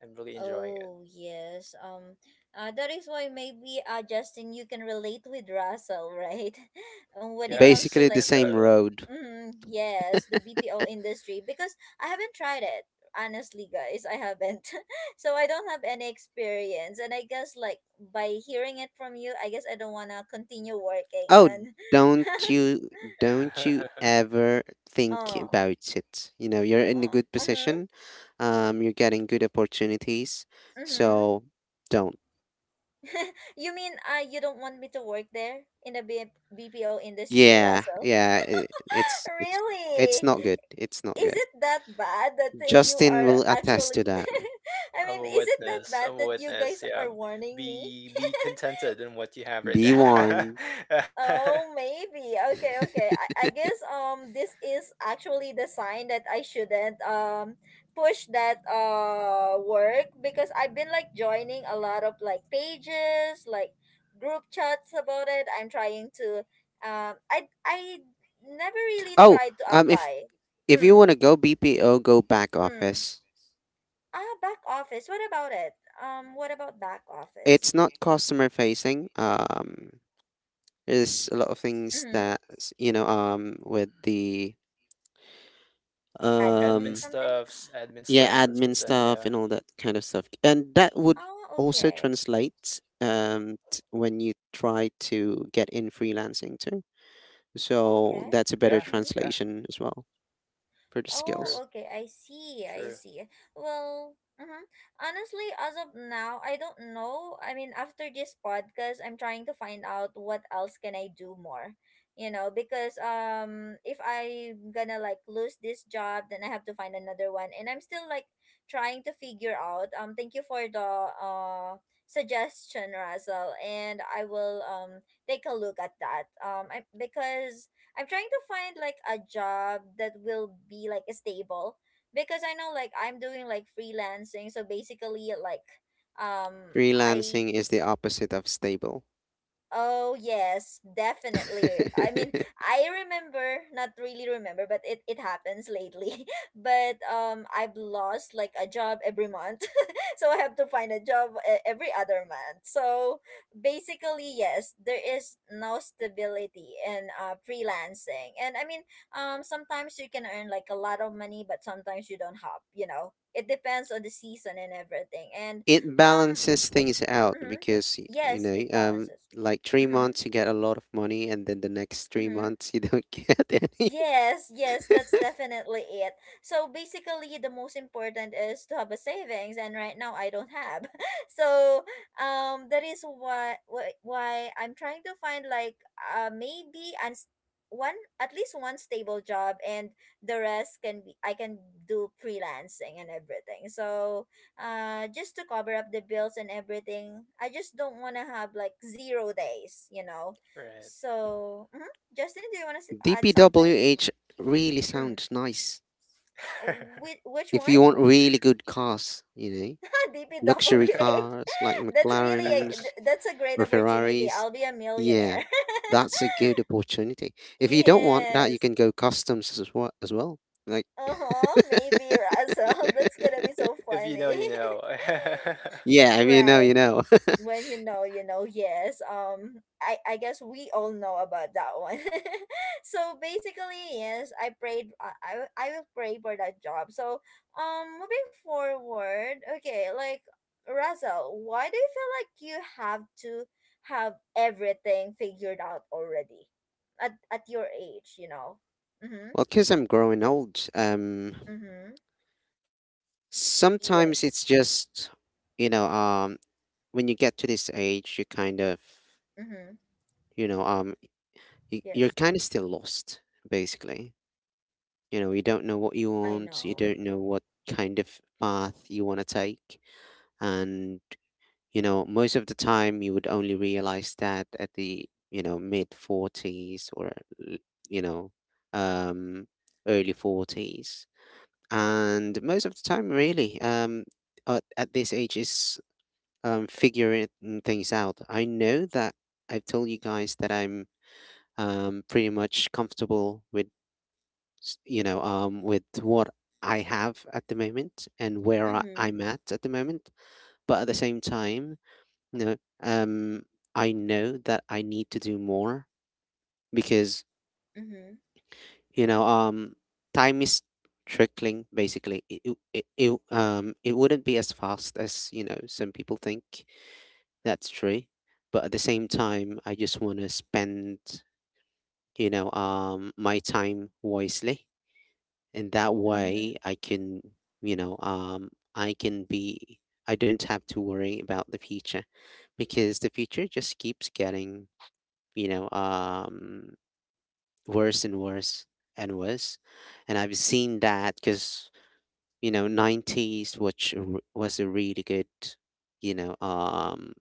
Speaker 3: I'm really enjoying it.
Speaker 1: Oh yes. That is why maybe Justin you can relate with Russell, right? And when it
Speaker 3: Yes,
Speaker 1: comes to
Speaker 2: Basically,
Speaker 1: like
Speaker 2: the same road.
Speaker 1: yes, the BPO industry because I haven't tried it. Honestly, guys, I haven't. So I don't have any experience and I guess like by hearing it from you, I guess I don't want to continue working
Speaker 2: Oh,
Speaker 1: on.
Speaker 2: don't you,
Speaker 3: totally.
Speaker 2: don't you ever think
Speaker 1: Oh.
Speaker 2: about it. You know, you're in a
Speaker 1: Oh,
Speaker 2: good
Speaker 1: mhm.
Speaker 2: position. You're getting good opportunities,
Speaker 1: Mhm.
Speaker 2: so don't.
Speaker 1: You mean you don't want me to work there in the BPO industry,
Speaker 2: Yeah,
Speaker 1: Russell?
Speaker 2: yeah, I
Speaker 1: Really?
Speaker 2: it's not good. It's not
Speaker 1: Is
Speaker 2: good.
Speaker 1: it that bad that you
Speaker 2: Justin
Speaker 1: are
Speaker 2: will attest
Speaker 1: actually.
Speaker 2: to that.
Speaker 1: I mean, is it that bad
Speaker 3: I'm a
Speaker 1: that you
Speaker 3: witness.
Speaker 1: guys are
Speaker 3: Yeah,
Speaker 1: warning me?
Speaker 3: be contented in what you have right
Speaker 2: Be
Speaker 1: Uh-huh.
Speaker 2: warned.
Speaker 3: now.
Speaker 1: Oh, maybe. Okay, okay. I guess this is actually the sign that I shouldn't push that work because I've been like joining a lot of like pages, like group chats about it. I'm trying to. I never really
Speaker 2: Oh,
Speaker 1: tried to
Speaker 2: if
Speaker 1: apply.
Speaker 2: you want
Speaker 1: Mm,
Speaker 2: to go BPO, go back
Speaker 1: mm.
Speaker 2: office.
Speaker 1: Ah, back office. What about it? What about back office?
Speaker 2: It's not customer facing. There's a lot of things
Speaker 1: Mm-hmm.
Speaker 2: that you know. With the
Speaker 1: Admin
Speaker 2: um,
Speaker 1: something?
Speaker 3: Admin stuff,
Speaker 2: yeah,
Speaker 1: Yeah.
Speaker 3: or
Speaker 2: admin
Speaker 3: something.
Speaker 2: stuff
Speaker 3: Yeah,
Speaker 2: and all that kind of stuff, and that would
Speaker 1: Oh,
Speaker 2: also
Speaker 1: okay.
Speaker 2: translate when you try to get in freelancing too. So
Speaker 1: Okay.
Speaker 2: that's a better
Speaker 3: yeah,
Speaker 1: Mm-hmm.
Speaker 3: yeah.
Speaker 2: translation as well for the
Speaker 3: True,
Speaker 2: skills.
Speaker 1: Oh, okay. I see. I
Speaker 3: true.
Speaker 1: see. Well, honestly, as of now, I don't know. I mean, after this podcast, I'm trying to find out what else can I do more. You know, because if I'm gonna like lose this job, then I have to find another one, and I'm still like trying to figure out. Thank you for the suggestion, Russell, and I will take a look at that. Because I'm trying to find like a job that will be like stable because I know like I'm doing like freelancing so basically like I
Speaker 2: Freelancing is the opposite of stable.
Speaker 1: Oh yes, definitely. I mean, I remember, not really remember, but it happens lately. But I've lost like a job every month. So I have to find a job every other month. So basically, yes, there is no stability in freelancing. And I mean, sometimes you can earn like a lot of money, but sometimes you don't have. It depends on the season and everything. And
Speaker 2: It
Speaker 1: um
Speaker 2: balances things out
Speaker 1: mhm,
Speaker 2: because you
Speaker 1: yes,
Speaker 2: know
Speaker 1: it balances.
Speaker 2: like three
Speaker 1: Mm-hmm.
Speaker 2: months you get a lot of money, and then the next three
Speaker 1: Mm-hmm.
Speaker 2: months you don't get any.
Speaker 1: Yes, yes, that's definitely it. So basically, the most important is to have a savings, and right now I don't have. So that is why I'm trying to find like maybe and one at least one stable job, and the rest can be I can do freelancing and everything. So just to cover up the bills and everything, I just don't want to have like zero days.
Speaker 3: Right.
Speaker 1: So. Mhm. Justin, do you want to add something?
Speaker 2: DPWH really
Speaker 1: Mm.
Speaker 2: sounds nice.
Speaker 1: Which, which
Speaker 2: If
Speaker 1: one?
Speaker 2: you want really good cars, you know, luxury
Speaker 1: DPWH.
Speaker 2: cars like
Speaker 1: That's really
Speaker 2: McLarens
Speaker 1: that's a great
Speaker 2: or
Speaker 1: opportunity.
Speaker 2: Ferraris,
Speaker 1: I'll be a
Speaker 2: yeah,
Speaker 1: millionaire.
Speaker 2: that's a good opportunity. If you don't want that, you
Speaker 1: Yes.
Speaker 2: can go customs as well. As well. Like,
Speaker 1: Uh-huh. Maybe, Russell. That's gonna be so
Speaker 3: If you know,
Speaker 1: funny.
Speaker 3: you know.
Speaker 2: yeah, I mean, you know,
Speaker 1: Right.
Speaker 2: you know.
Speaker 1: When you know you know, yes, I guess we all know about that one. So basically, yes, I prayed I will pray for that job so moving forward. Okay, like, Russell, why do you feel like you have to have everything figured out already at your age, you know? Mm-hmm.
Speaker 2: Well, because I'm growing old,
Speaker 1: Mm-hmm.
Speaker 2: sometimes it's
Speaker 1: Yes.
Speaker 2: just, you know, um, when you get to this age, you kind of,
Speaker 1: Mm-hmm.
Speaker 2: you know, um, you're
Speaker 1: Yes.
Speaker 2: kind of still lost, basically. You know, you don't know what you
Speaker 1: I
Speaker 2: want, you
Speaker 1: know.
Speaker 2: don't know what kind of path you want to take. And, you know, most of the time you would only realize that at the, you know, mid 40s or, l- you know, um, early 40s. And most of the time, really, at this age is figuring things out. I know that I've told you guys that I'm pretty much comfortable with, you know, with what I have at the moment and where I,
Speaker 1: Mm-hmm.
Speaker 2: I'm at the moment. But at the same time, you know, um, I know that I need to do more because,
Speaker 1: Mm-hmm.
Speaker 2: you know, um, time is trickling basically it wouldn't be as fast as some people think. That's true. But at the same time, I just want to spend, my time wisely. And that
Speaker 1: Mm-hmm.
Speaker 2: way I can, you know, um, I can be, I don't have to worry about the future, because the future just keeps getting, you know, um, worse and worse and worse. And I've seen that because, 90s, which was a really good, you know, um,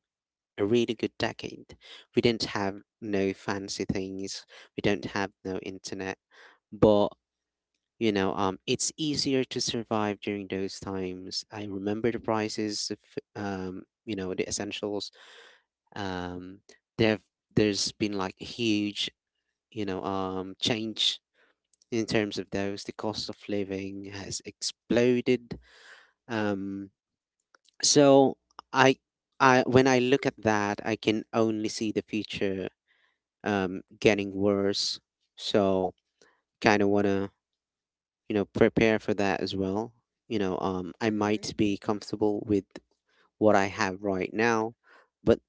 Speaker 2: a really good decade. We didn't have no fancy things. We don't have no internet, but it's easier to survive during those times. I remember the prices of, the essentials. Um, there, there's been like a huge, change in terms of those. The cost of living has exploded. Um, so I, when I look at that, I can only see the future getting worse. So kind of want to, prepare for that as well. I might
Speaker 1: Mm-hmm.
Speaker 2: be comfortable with what I have right now, but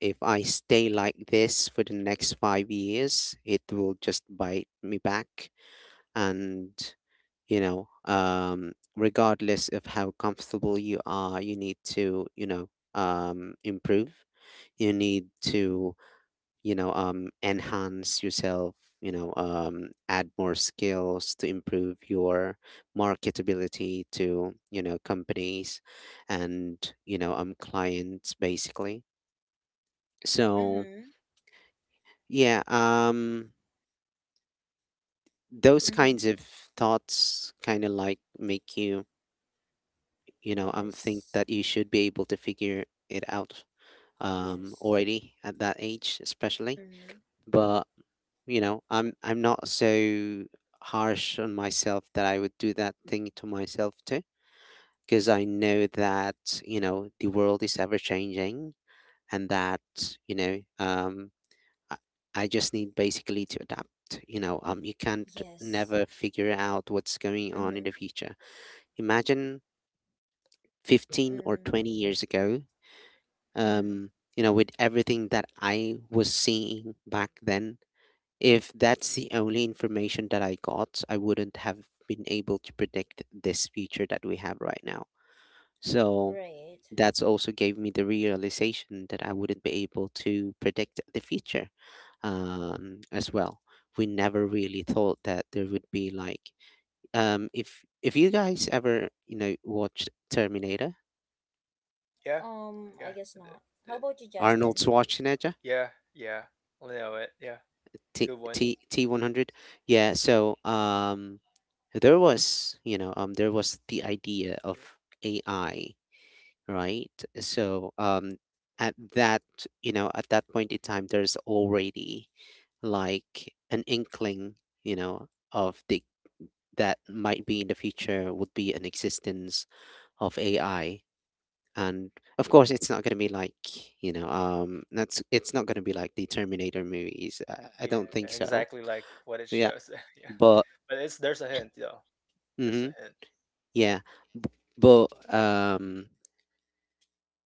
Speaker 2: if I stay like this for the next 5 years, it will just bite me back. And, regardless of how comfortable you are, you need to, improve, you need to, enhance yourself, add more skills to improve your marketability to, companies and, clients, basically. So
Speaker 1: Mm-hmm.
Speaker 2: yeah, those
Speaker 1: Mm-hmm.
Speaker 2: kinds of thoughts kind of like make you, you know think
Speaker 1: Yes.
Speaker 2: that you should be able to figure it out
Speaker 1: Yes.
Speaker 2: already at that age, especially.
Speaker 1: Mm-hmm.
Speaker 2: But I'm not so harsh on myself that I would do that thing to myself too, because I know that, you know the world is ever changing, and that, you know um I, I just need basically to adapt. You know um you can't
Speaker 1: Yes.
Speaker 2: never figure out what's going on in
Speaker 1: Mm-hmm.
Speaker 2: the future. Imagine 15 or
Speaker 1: Mm-hmm.
Speaker 2: 20 years ago,
Speaker 1: Mm-hmm.
Speaker 2: um with everything that I was seeing back then. If that's the only information that I got, I wouldn't have been able to predict this future that we have right now. So
Speaker 1: Right.
Speaker 2: that's also gave me the realization that I wouldn't be able to predict the future as well. We never really thought that there would be, like, if you guys ever watched Terminator,
Speaker 3: Yeah, yeah,
Speaker 1: I guess
Speaker 3: th-
Speaker 1: not. How
Speaker 3: th-
Speaker 1: about you,
Speaker 2: Arnold
Speaker 1: Justin?
Speaker 2: Schwarzenegger.
Speaker 3: yeah, yeah. I know it. Yeah, good
Speaker 2: T
Speaker 3: one.
Speaker 2: T T100. Yeah, so there was, there was the idea of AI, right? So at that, at that point in time there's already like an inkling, of the that might be in the future would be an existence of AI. And of course, it's not going to be like, that's, it's not going to be like the Terminator movies. I
Speaker 3: Yeah,
Speaker 2: don't think
Speaker 3: exactly
Speaker 2: so.
Speaker 3: like what it
Speaker 2: Yeah.
Speaker 3: shows. Yeah,
Speaker 2: But
Speaker 3: but it's there's a hint though. There's
Speaker 2: hmm
Speaker 3: a hint.
Speaker 2: yeah, b- but um,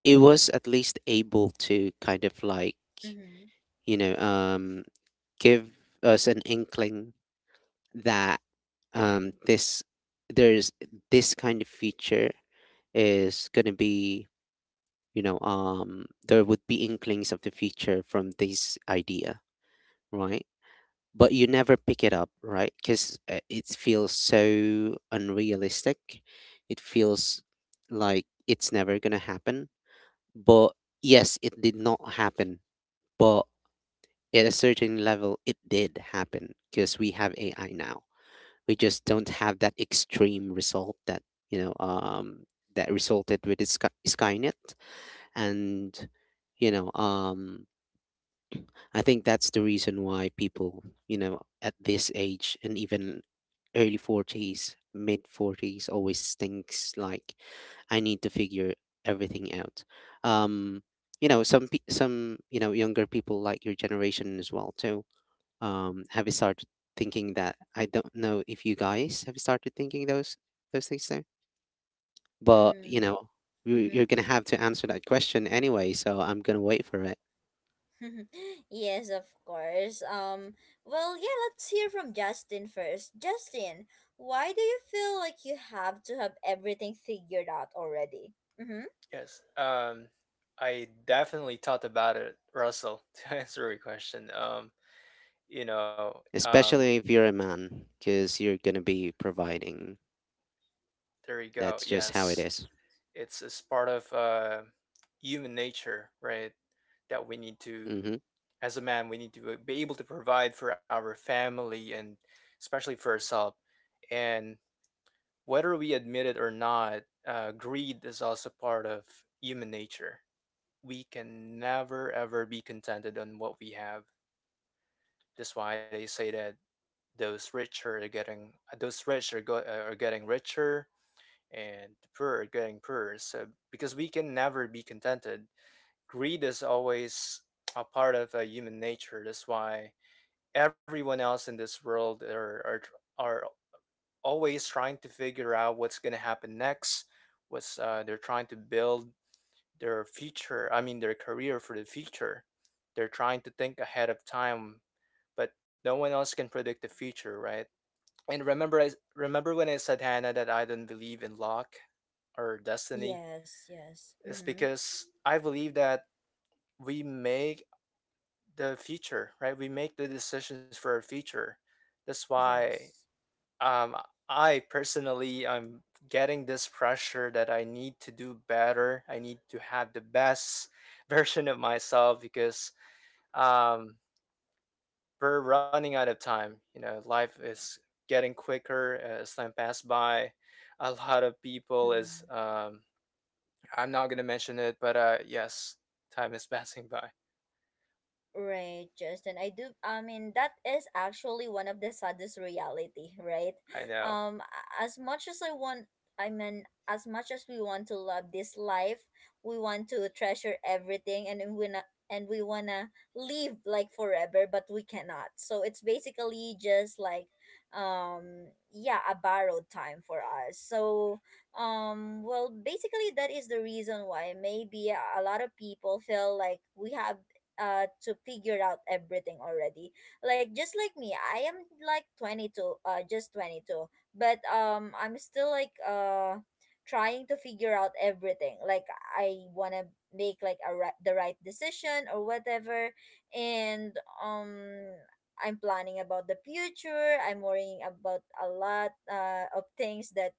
Speaker 2: it was at least able to kind of like,
Speaker 1: Mm-hmm.
Speaker 2: you know um give us an inkling that this there's this kind of feature is gonna be, there would be inklings of the future from this idea, right? But you never pick it up, right? Because it feels so unrealistic. It feels like it's never going to happen. But yes, it did not happen. But at a certain level, it did happen because we have AI now. We just don't have that extreme result that, you know, um, that resulted with its Skynet. And, you know, um, I think that's the reason why people, at this age and even early 40s, mid 40s always thinks like, I need to figure everything out. Um, some some younger people, like your generation as well too, have you started thinking that? I don't know if you guys have started thinking those things too, but
Speaker 1: Mm-hmm.
Speaker 2: you're
Speaker 1: Mm-hmm.
Speaker 2: gonna have to answer that question anyway. So I'm gonna wait for it.
Speaker 1: Yes, of course. Well, yeah, let's hear from Justin first. Justin, why do you feel like you have to have everything figured out already? Mm-hmm.
Speaker 3: Yes. I definitely thought about it, Russell, to answer your question. You know, um,
Speaker 2: Especially if you're a man, because you're gonna be providing.
Speaker 3: there you go.
Speaker 2: That's just how it
Speaker 3: Yes.
Speaker 2: is.
Speaker 3: It's part of human nature, right? That we need to,
Speaker 2: Mm-hmm.
Speaker 3: as a man, we need to be able to provide for our family and especially for ourselves. And whether we admit it or not, greed is also part of human nature. We can never ever be contented on what we have. That's why they say that those rich are getting richer and the poor are getting poorer. So because we can never be contented, greed is always a part of human nature. That's why everyone else in this world are always trying to figure out what's gonna happen next. What's They're trying to build their future. I mean, their career for the future. They're trying to think ahead of time, but no one else can predict the future, right? And remember, I remember when I said Hannah that I don't believe in luck or destiny.
Speaker 1: Yes, yes.
Speaker 3: It's
Speaker 1: Mm-hmm.
Speaker 3: because I believe that we make the future, right? We make the decisions for our future. That's why
Speaker 1: Yes.
Speaker 3: um, I personally, I'm getting this pressure that I need to do better. I need to have the best version of myself because um, we're running out of time. You know, life is getting quicker as time pass by. A lot of people is I'm not gonna mention it, but yes, time is passing by.
Speaker 1: Right, Justin. I do. I mean, that is actually one of the saddest reality, right?
Speaker 3: I know.
Speaker 1: As much as I want, I mean, as much as we want to love this life, we want to treasure everything, and and we wanna live like forever, but we cannot. So it's basically just like, yeah, a borrowed time for us. So, well, basically that is the reason why maybe a lot of people feel like we have to figure out everything already, like just like me I am like 22, just 22, but I'm still like trying to figure out everything, like I want to make like the right decision or whatever, and um I'm planning about the future, I'm worrying about a lot of things that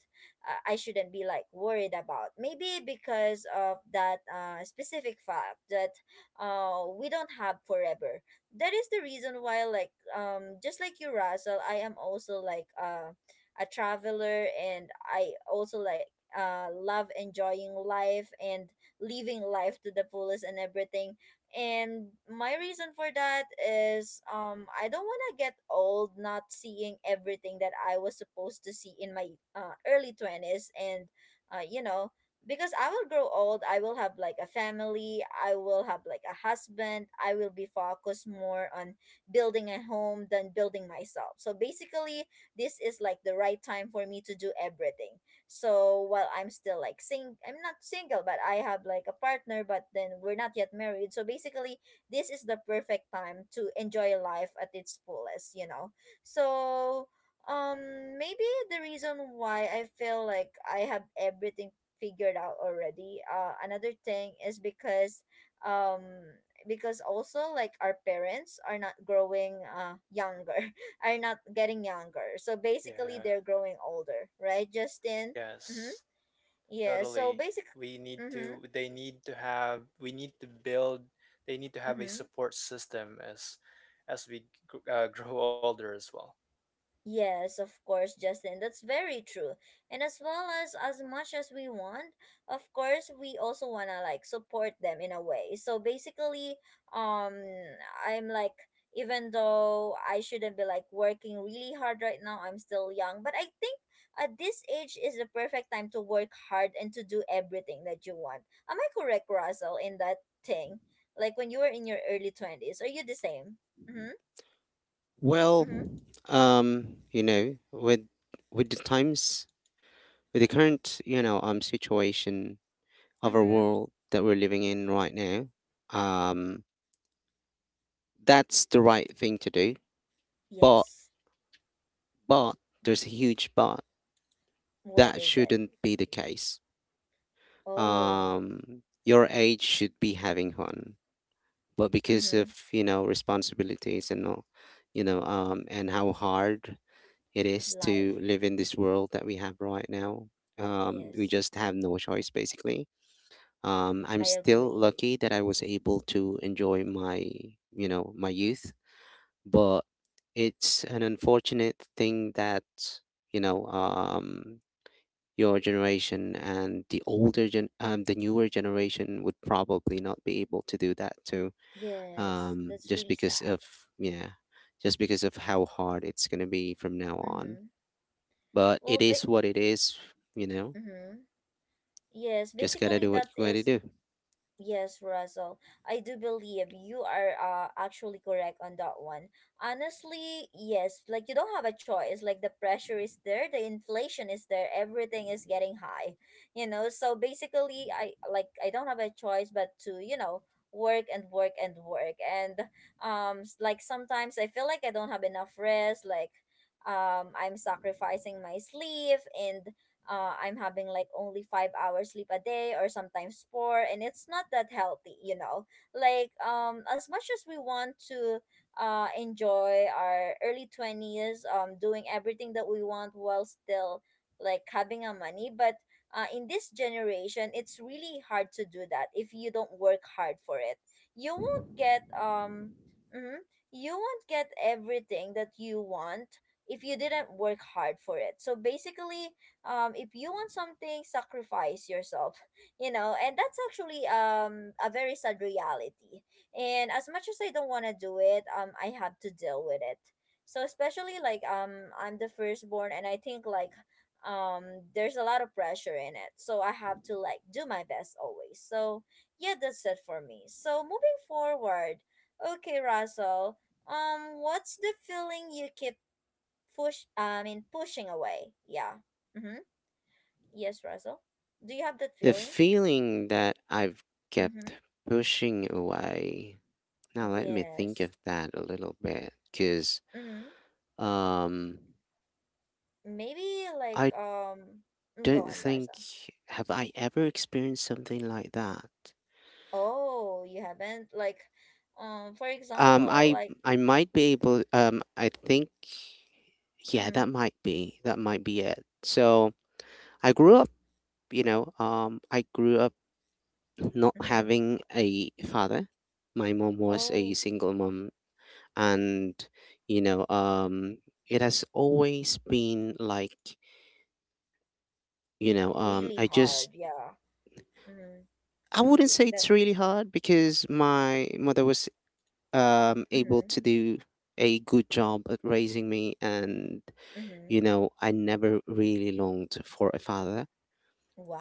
Speaker 1: I shouldn't be like worried about, maybe because of that specific fact that we don't have forever. That is the reason why, like just like you Russell, I am also like a traveler and I also like love enjoying life and living life to the fullest and everything, and my reason for that is I don't want to get old not seeing everything that I was supposed to see in my early 20s, and uh, you know because I will grow old, I will have like a family, I will have like a husband, I will be focused more on building a home than building myself. So basically, this is like the right time for me to do everything. So while I'm still like sing I'm not single, but I have like a partner, but then we're not yet married. So basically, this is the perfect time to enjoy life at its fullest. So um maybe the reason why I feel like I have everything figured out already. Another thing is um because also like our parents are not growing younger, are not getting younger. So basically
Speaker 3: Yeah.
Speaker 1: they're growing older, right, Justin? Mm-hmm.
Speaker 3: Yes.
Speaker 1: Yeah. So
Speaker 3: Totally.
Speaker 1: basic. Mm-hmm.
Speaker 3: They need to have, we need to build, they need to have a
Speaker 1: Mm-hmm.
Speaker 3: support system as as we grow older as well.
Speaker 1: Yes, of course, Justin. That's very true. And as well as much as we want, of course, we also wanna like support them in a way. So basically, um, I'm like even though I shouldn't be like working really hard right now, I'm still young. But I think at this age is the perfect time to work hard and to do everything that you want. Am I correct, Russell, in that thing? Like when you were in your early 20s, are you the same? Mm-hmm.
Speaker 2: Well,
Speaker 1: Mm-hmm.
Speaker 2: with the times, with the current, situation of our
Speaker 1: Mm-hmm.
Speaker 2: world that we're living in right now, um, that's the right thing to do. But,
Speaker 1: Yes.
Speaker 2: but there's a huge but.
Speaker 1: What
Speaker 2: That
Speaker 1: is it?
Speaker 2: shouldn't be the case.
Speaker 1: Oh,
Speaker 2: Your age should be having fun, but because of,
Speaker 1: mm-hmm.
Speaker 2: responsibilities and all, and how hard it is to
Speaker 1: Life.
Speaker 2: live in this world that we have right now. We
Speaker 1: Yes,
Speaker 2: just have no choice, basically. I'm
Speaker 1: I
Speaker 2: still
Speaker 1: agree.
Speaker 2: lucky that I was able to enjoy my youth, but it's an unfortunate thing that, you know, um, your generation and the older gen, the newer generation would probably not be able to do that too,
Speaker 1: Yes, that's
Speaker 2: just
Speaker 1: really
Speaker 2: because
Speaker 1: sad.
Speaker 2: of, yeah, just because of how hard it's going to be from now on.
Speaker 1: Mm-hmm.
Speaker 2: But
Speaker 1: Well,
Speaker 2: it
Speaker 1: Vic.
Speaker 2: is what it is, you know?
Speaker 1: Mm-hmm. Yes,
Speaker 2: Just gotta
Speaker 1: basically
Speaker 2: do what
Speaker 1: that
Speaker 2: you gotta
Speaker 1: is.
Speaker 2: do.
Speaker 1: Yes, Russell. I do believe you are actually correct on that one. Honestly, yes, like you don't have a choice. Like the pressure is there, the inflation is there, everything is getting high. You know, so basically I don't have a choice but to work and work and work. And like sometimes I feel like I don't have enough rest, like I'm sacrificing my sleep and I'm having like only 5 hours sleep a day or sometimes four, and it's not that healthy. Like as much as we want to enjoy our early 20s, doing everything that we want while still like having our money, but in this generation, it's really hard to do that if you don't work hard for it. You won't get. Mm-hmm, you won't get everything that you want if you didn't work hard for it. So basically, if you want something, sacrifice yourself. And that's actually a very sad reality, and as much as I don't want to do it, I have to deal with it. So especially like, I'm the firstborn and I think like, um there's a lot of pressure in it, so I have to like do my best always. So yeah, that's it for me. So moving forward, okay, Russell, what's the feeling you keep push I mean pushing away? Yeah. Mm-hmm. Yes, Russell. Do you have that
Speaker 2: The
Speaker 1: feeling?
Speaker 2: feeling that I've
Speaker 1: Mm-hmm.
Speaker 2: kept pushing away. Now, let me think
Speaker 1: Yes.
Speaker 2: of that a little bit, because
Speaker 1: Mm-hmm.
Speaker 2: um,
Speaker 1: Maybe like,
Speaker 2: I
Speaker 1: go
Speaker 2: don't
Speaker 1: on, Russell.
Speaker 2: think, have I ever experienced something like that?
Speaker 1: Oh, you haven't like, for example,
Speaker 2: I
Speaker 1: like.
Speaker 2: might be able. I think, yeah,
Speaker 1: Mm-hmm.
Speaker 2: that might be it. So I grew up, you know. Um, I grew up not
Speaker 1: Mm-hmm.
Speaker 2: having a father. My mom was a
Speaker 1: Oh,
Speaker 2: single mom, and, you know, um, it has always been like, you know, um,
Speaker 1: really
Speaker 2: I
Speaker 1: hard.
Speaker 2: just
Speaker 1: Yeah. Mm-hmm.
Speaker 2: I wouldn't say
Speaker 1: That.
Speaker 2: it's really hard because my mother was able
Speaker 1: Mm-hmm.
Speaker 2: to do a good job at raising me, and
Speaker 1: Mm-hmm.
Speaker 2: I never really longed for a father,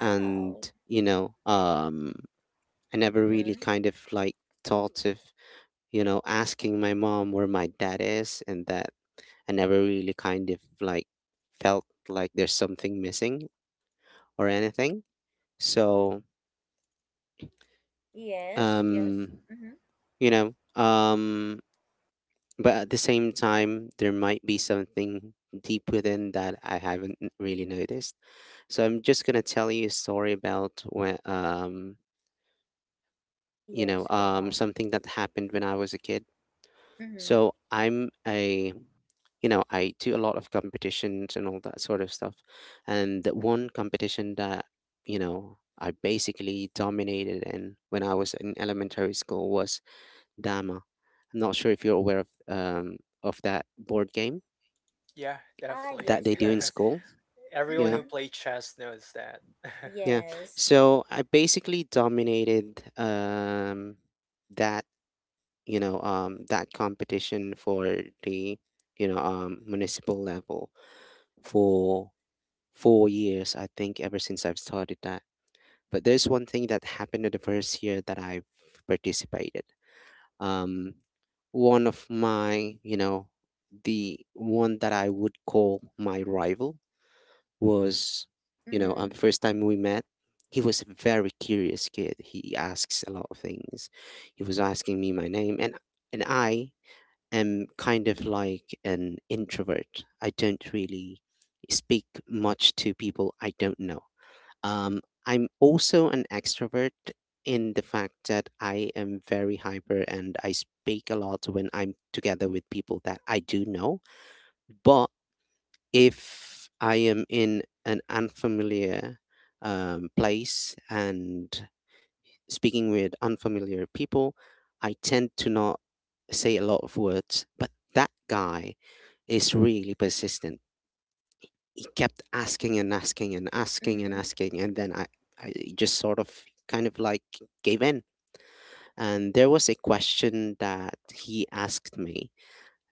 Speaker 2: and you know, um, I never really
Speaker 1: Mm-hmm.
Speaker 2: kind of like thought of, asking my mom where my dad is, and that I never really kind of like felt like there's something missing or anything. So,
Speaker 1: Yes, yes.
Speaker 2: um,
Speaker 1: Mm-hmm.
Speaker 2: you know, um, but at the same time, there might be something deep within that I haven't really noticed. So I'm just gonna tell you a story about when,
Speaker 1: Yes, go on.
Speaker 2: something that happened when I was a kid.
Speaker 1: Mm-hmm.
Speaker 2: So I do a lot of competitions and all that sort of stuff. And the one competition that, I basically dominated in when I was in elementary school, was Dama. I'm not sure if you're aware of of that board game
Speaker 3: Yeah,
Speaker 1: Ah,
Speaker 3: definitely.
Speaker 2: that
Speaker 1: yes,
Speaker 2: they do in
Speaker 1: yes.
Speaker 2: school.
Speaker 3: Everyone
Speaker 2: Yeah,
Speaker 3: who
Speaker 1: Mm-hmm.
Speaker 3: played chess knows that.
Speaker 2: yeah.
Speaker 1: Yes.
Speaker 2: So I basically dominated that, that competition for the municipal level for 4 years, I think, ever since I've started that. But there's one thing that happened in the first year that I've participated. Um, one of my, the one that I would call my rival, was,
Speaker 1: Mm-hmm.
Speaker 2: the first time we met, he was a very curious kid. He asks a lot of things. He was asking me my name, and I am kind of like an introvert. I don't really speak much to people I don't know. I'm also an extrovert in the fact that I am very hyper and I speak a lot when I'm together with people that I do know. But if I am in an unfamiliar place, and speaking with unfamiliar people, I tend to not say a lot of words, but that guy is really persistent. He kept asking and asking and asking and
Speaker 1: Mm-hmm.
Speaker 2: asking, and then I just sort of kind of like gave in. And there was a question that he asked me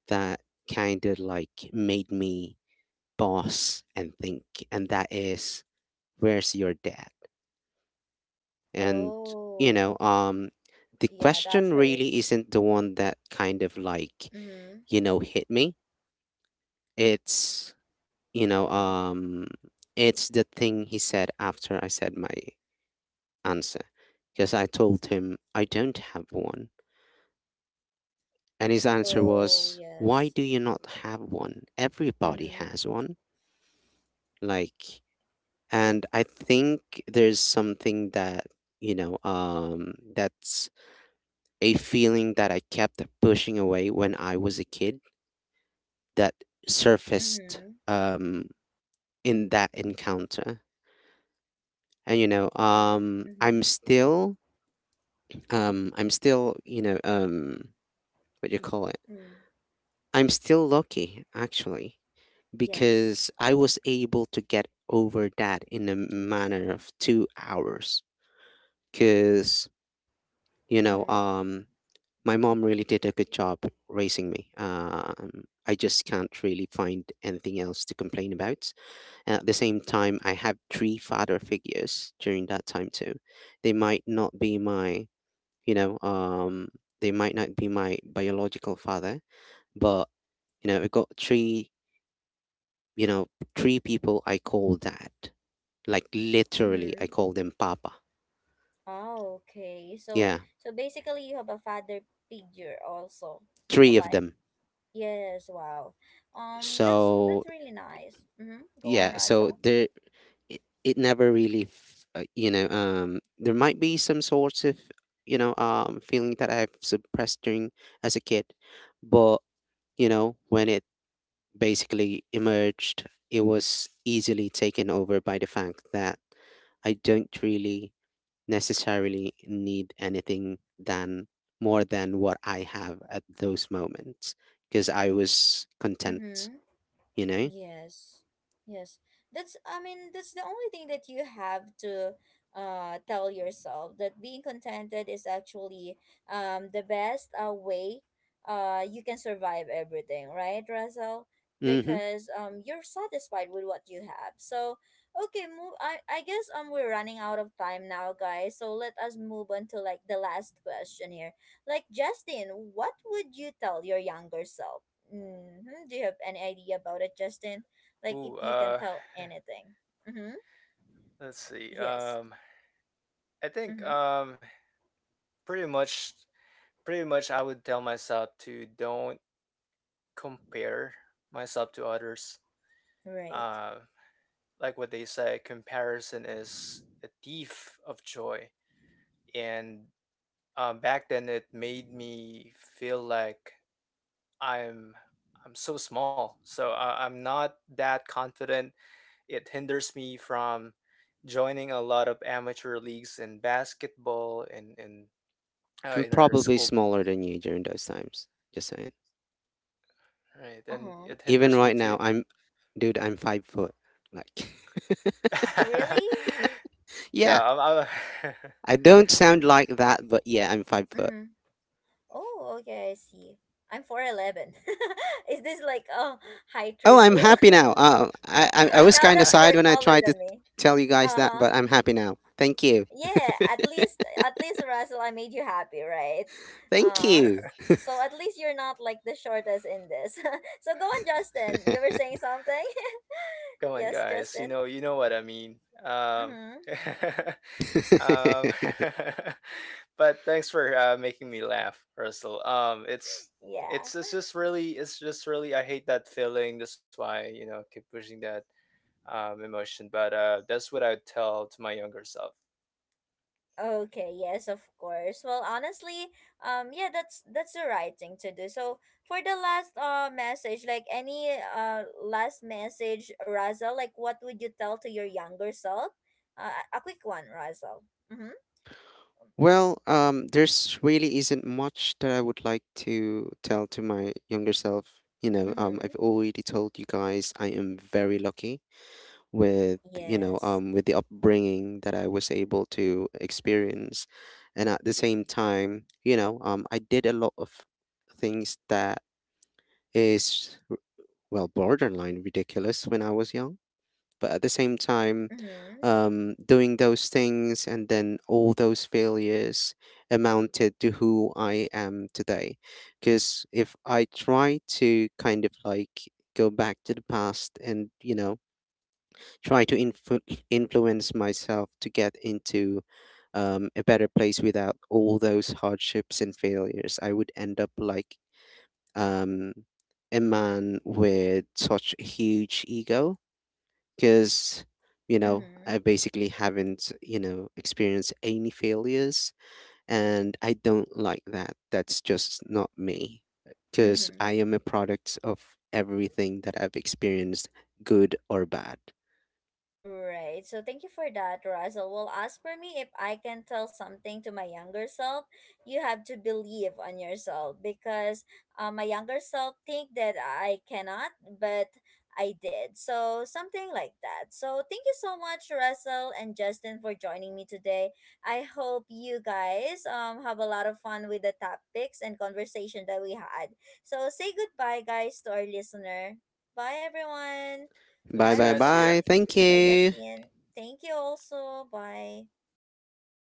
Speaker 2: that kind of like made me pause and think, and that is, where's your dad? And, you
Speaker 1: Oh.
Speaker 2: know, um, the
Speaker 1: Yeah, that
Speaker 2: question really
Speaker 1: hurts.
Speaker 2: isn't the one that kind of like,
Speaker 1: Mhm.
Speaker 2: you know, hit me. It's, you know,
Speaker 1: Mhm.
Speaker 2: um, it's the thing he said after I said my answer. Because I told him I don't have one. And his answer
Speaker 1: Oh,
Speaker 2: was, why
Speaker 1: yes.
Speaker 2: do you not have one? Everybody
Speaker 1: Mhm.
Speaker 2: has one. Like,
Speaker 1: It.
Speaker 2: and I think there's something that, that's a feeling that I kept pushing away when I was a kid that surfaced
Speaker 1: Mhm.
Speaker 2: in that encounter. And
Speaker 1: Mhm. Mhm.
Speaker 2: I'm still, you know, what do you call it?
Speaker 1: Mm.
Speaker 2: I'm still lucky, actually,
Speaker 1: Yes.
Speaker 2: because I was able to get over that in a manner of 2 hours. Because, you know,
Speaker 1: Mhm.
Speaker 2: um, my mom really did a good job raising me. I just can't really find anything else to complain about. And at the same time, I have three father figures during that time too. They might not be my, you know, um, biological father, but, I got three, you know, three people I call dad. Like, literally, I
Speaker 1: Mhm.
Speaker 2: call them Papa.
Speaker 1: Oh, okay. So
Speaker 2: Yeah,
Speaker 1: so basically you have a father figure also.
Speaker 2: three of
Speaker 1: Like
Speaker 2: them.
Speaker 1: yes, wow. Um that's
Speaker 2: So
Speaker 1: that's really nice. Mhm. Go on,
Speaker 2: yeah, so
Speaker 1: Razel.
Speaker 2: there it never really there might be some sorts of, feeling that I've suppressed during as a kid, but when it basically emerged, it was easily taken over by the fact that I don't really necessarily need anything than more than what I have at those moments, because I was content
Speaker 1: Mhm.
Speaker 2: you know
Speaker 1: Yes. Yes. That's I mean, that's the only thing that you have to tell yourself, that being contented is actually the best way you can survive everything, right, Russell?
Speaker 2: hmm
Speaker 1: Because you're satisfied with what you have. So okay, move I guess we're running out of time now, guys. So let us move on to like the last question here. Like Justin, what would you tell your younger self? Mm-hmm. Do you have any idea about it, Justin? Like, if
Speaker 3: Ooh,
Speaker 1: you can tell anything. Mm-hmm.
Speaker 3: let's see.
Speaker 1: Yes.
Speaker 3: I think
Speaker 1: Mm-hmm.
Speaker 3: pretty much, pretty much, I would tell myself to don't compare myself to others.
Speaker 1: Right.
Speaker 3: Uh, like what they say, comparison is a thief of joy. And back then it made me feel like i'm I'm so small, so I'm not that confident. It hinders me from joining a lot of amateur leagues in basketball,
Speaker 2: I'm
Speaker 3: in our
Speaker 2: probably
Speaker 3: school.
Speaker 2: smaller than you during those times, just saying.
Speaker 3: Right, and
Speaker 1: Uh-huh.
Speaker 3: it
Speaker 2: Even
Speaker 3: hinders me
Speaker 2: right now,
Speaker 3: too.
Speaker 2: I'm, dude, I'm 5 foot. Like,
Speaker 1: Really?
Speaker 3: yeah
Speaker 2: yeah,
Speaker 3: i'm, I'm
Speaker 2: I don't sound like that, but yeah, I'm 5 foot.
Speaker 1: Mm-hmm. Oh, okay, I see. I'm 4'11. Is this like a height
Speaker 2: Oh, I'm
Speaker 1: reveal?
Speaker 2: happy now. I was
Speaker 1: Now
Speaker 2: kind of
Speaker 1: that
Speaker 2: sad
Speaker 1: you're
Speaker 2: when I
Speaker 1: taller
Speaker 2: tried to
Speaker 1: than me.
Speaker 2: tell you guys that,
Speaker 1: Uh-huh.
Speaker 2: but I'm happy now. Thank you.
Speaker 1: Yeah, at least Russell, I made you happy, right?
Speaker 2: Thank
Speaker 1: Uh s-
Speaker 2: you.
Speaker 1: so at least you're not like the shortest in this. So go on, Justin. You were saying something?
Speaker 3: come on
Speaker 1: Yes,
Speaker 3: guys, you
Speaker 1: Justin.
Speaker 3: know, you know what I mean. um
Speaker 1: Mm-hmm.
Speaker 3: Um, but thanks for making me laugh, Russell.
Speaker 1: Yeah.
Speaker 3: It's just really, I hate that feeling. That's why you know I keep pushing that emotion. But that's what I would tell to my younger self.
Speaker 1: Okay, yes, of course. Well, honestly, yeah, that's the right thing to do. So, for the last message, like any last message, Razel, like what would you tell to your younger self? A quick one, Razel. Mhm.
Speaker 2: Well, there's really isn't much that I would like to tell to my younger self. I've
Speaker 1: Mhm.
Speaker 2: already told you guys I am very lucky with you know
Speaker 1: Yes.
Speaker 2: with the upbringing that I was able to experience, and at the same time, I did a lot of things that is r- well, borderline ridiculous when I was young, but at the same time,
Speaker 1: Mhm.
Speaker 2: doing those things, and then all those failures, amounted to who I am today. Because if I try to kind of like go back to the past and try to influence myself to get into a better place without all those hardships and failures, I would end up like um, a man with such a huge ego, because,
Speaker 1: Mhm.
Speaker 2: I basically haven't, experienced any failures, and I don't like that. That's just not me, because
Speaker 1: Mhm.
Speaker 2: I am a product of everything that I've experienced, good or bad.
Speaker 1: Right. So thank you for that, Russell. Well, as for me, if I can tell something to my younger self, you have to believe on yourself because my younger self think that I cannot, but I did. So something like that. So thank you so much, Russell and Justin, for joining me today. I hope you guys have a lot of fun with the topics and conversation that we had. So say goodbye, guys, to our listener. Bye, everyone.
Speaker 2: Bye
Speaker 3: Thanks,
Speaker 1: Bye,
Speaker 2: bye
Speaker 3: guys. See
Speaker 1: Russell.
Speaker 3: ya.
Speaker 2: bye. Thank
Speaker 1: By
Speaker 2: you.
Speaker 1: Justin. Thank you also. Bye.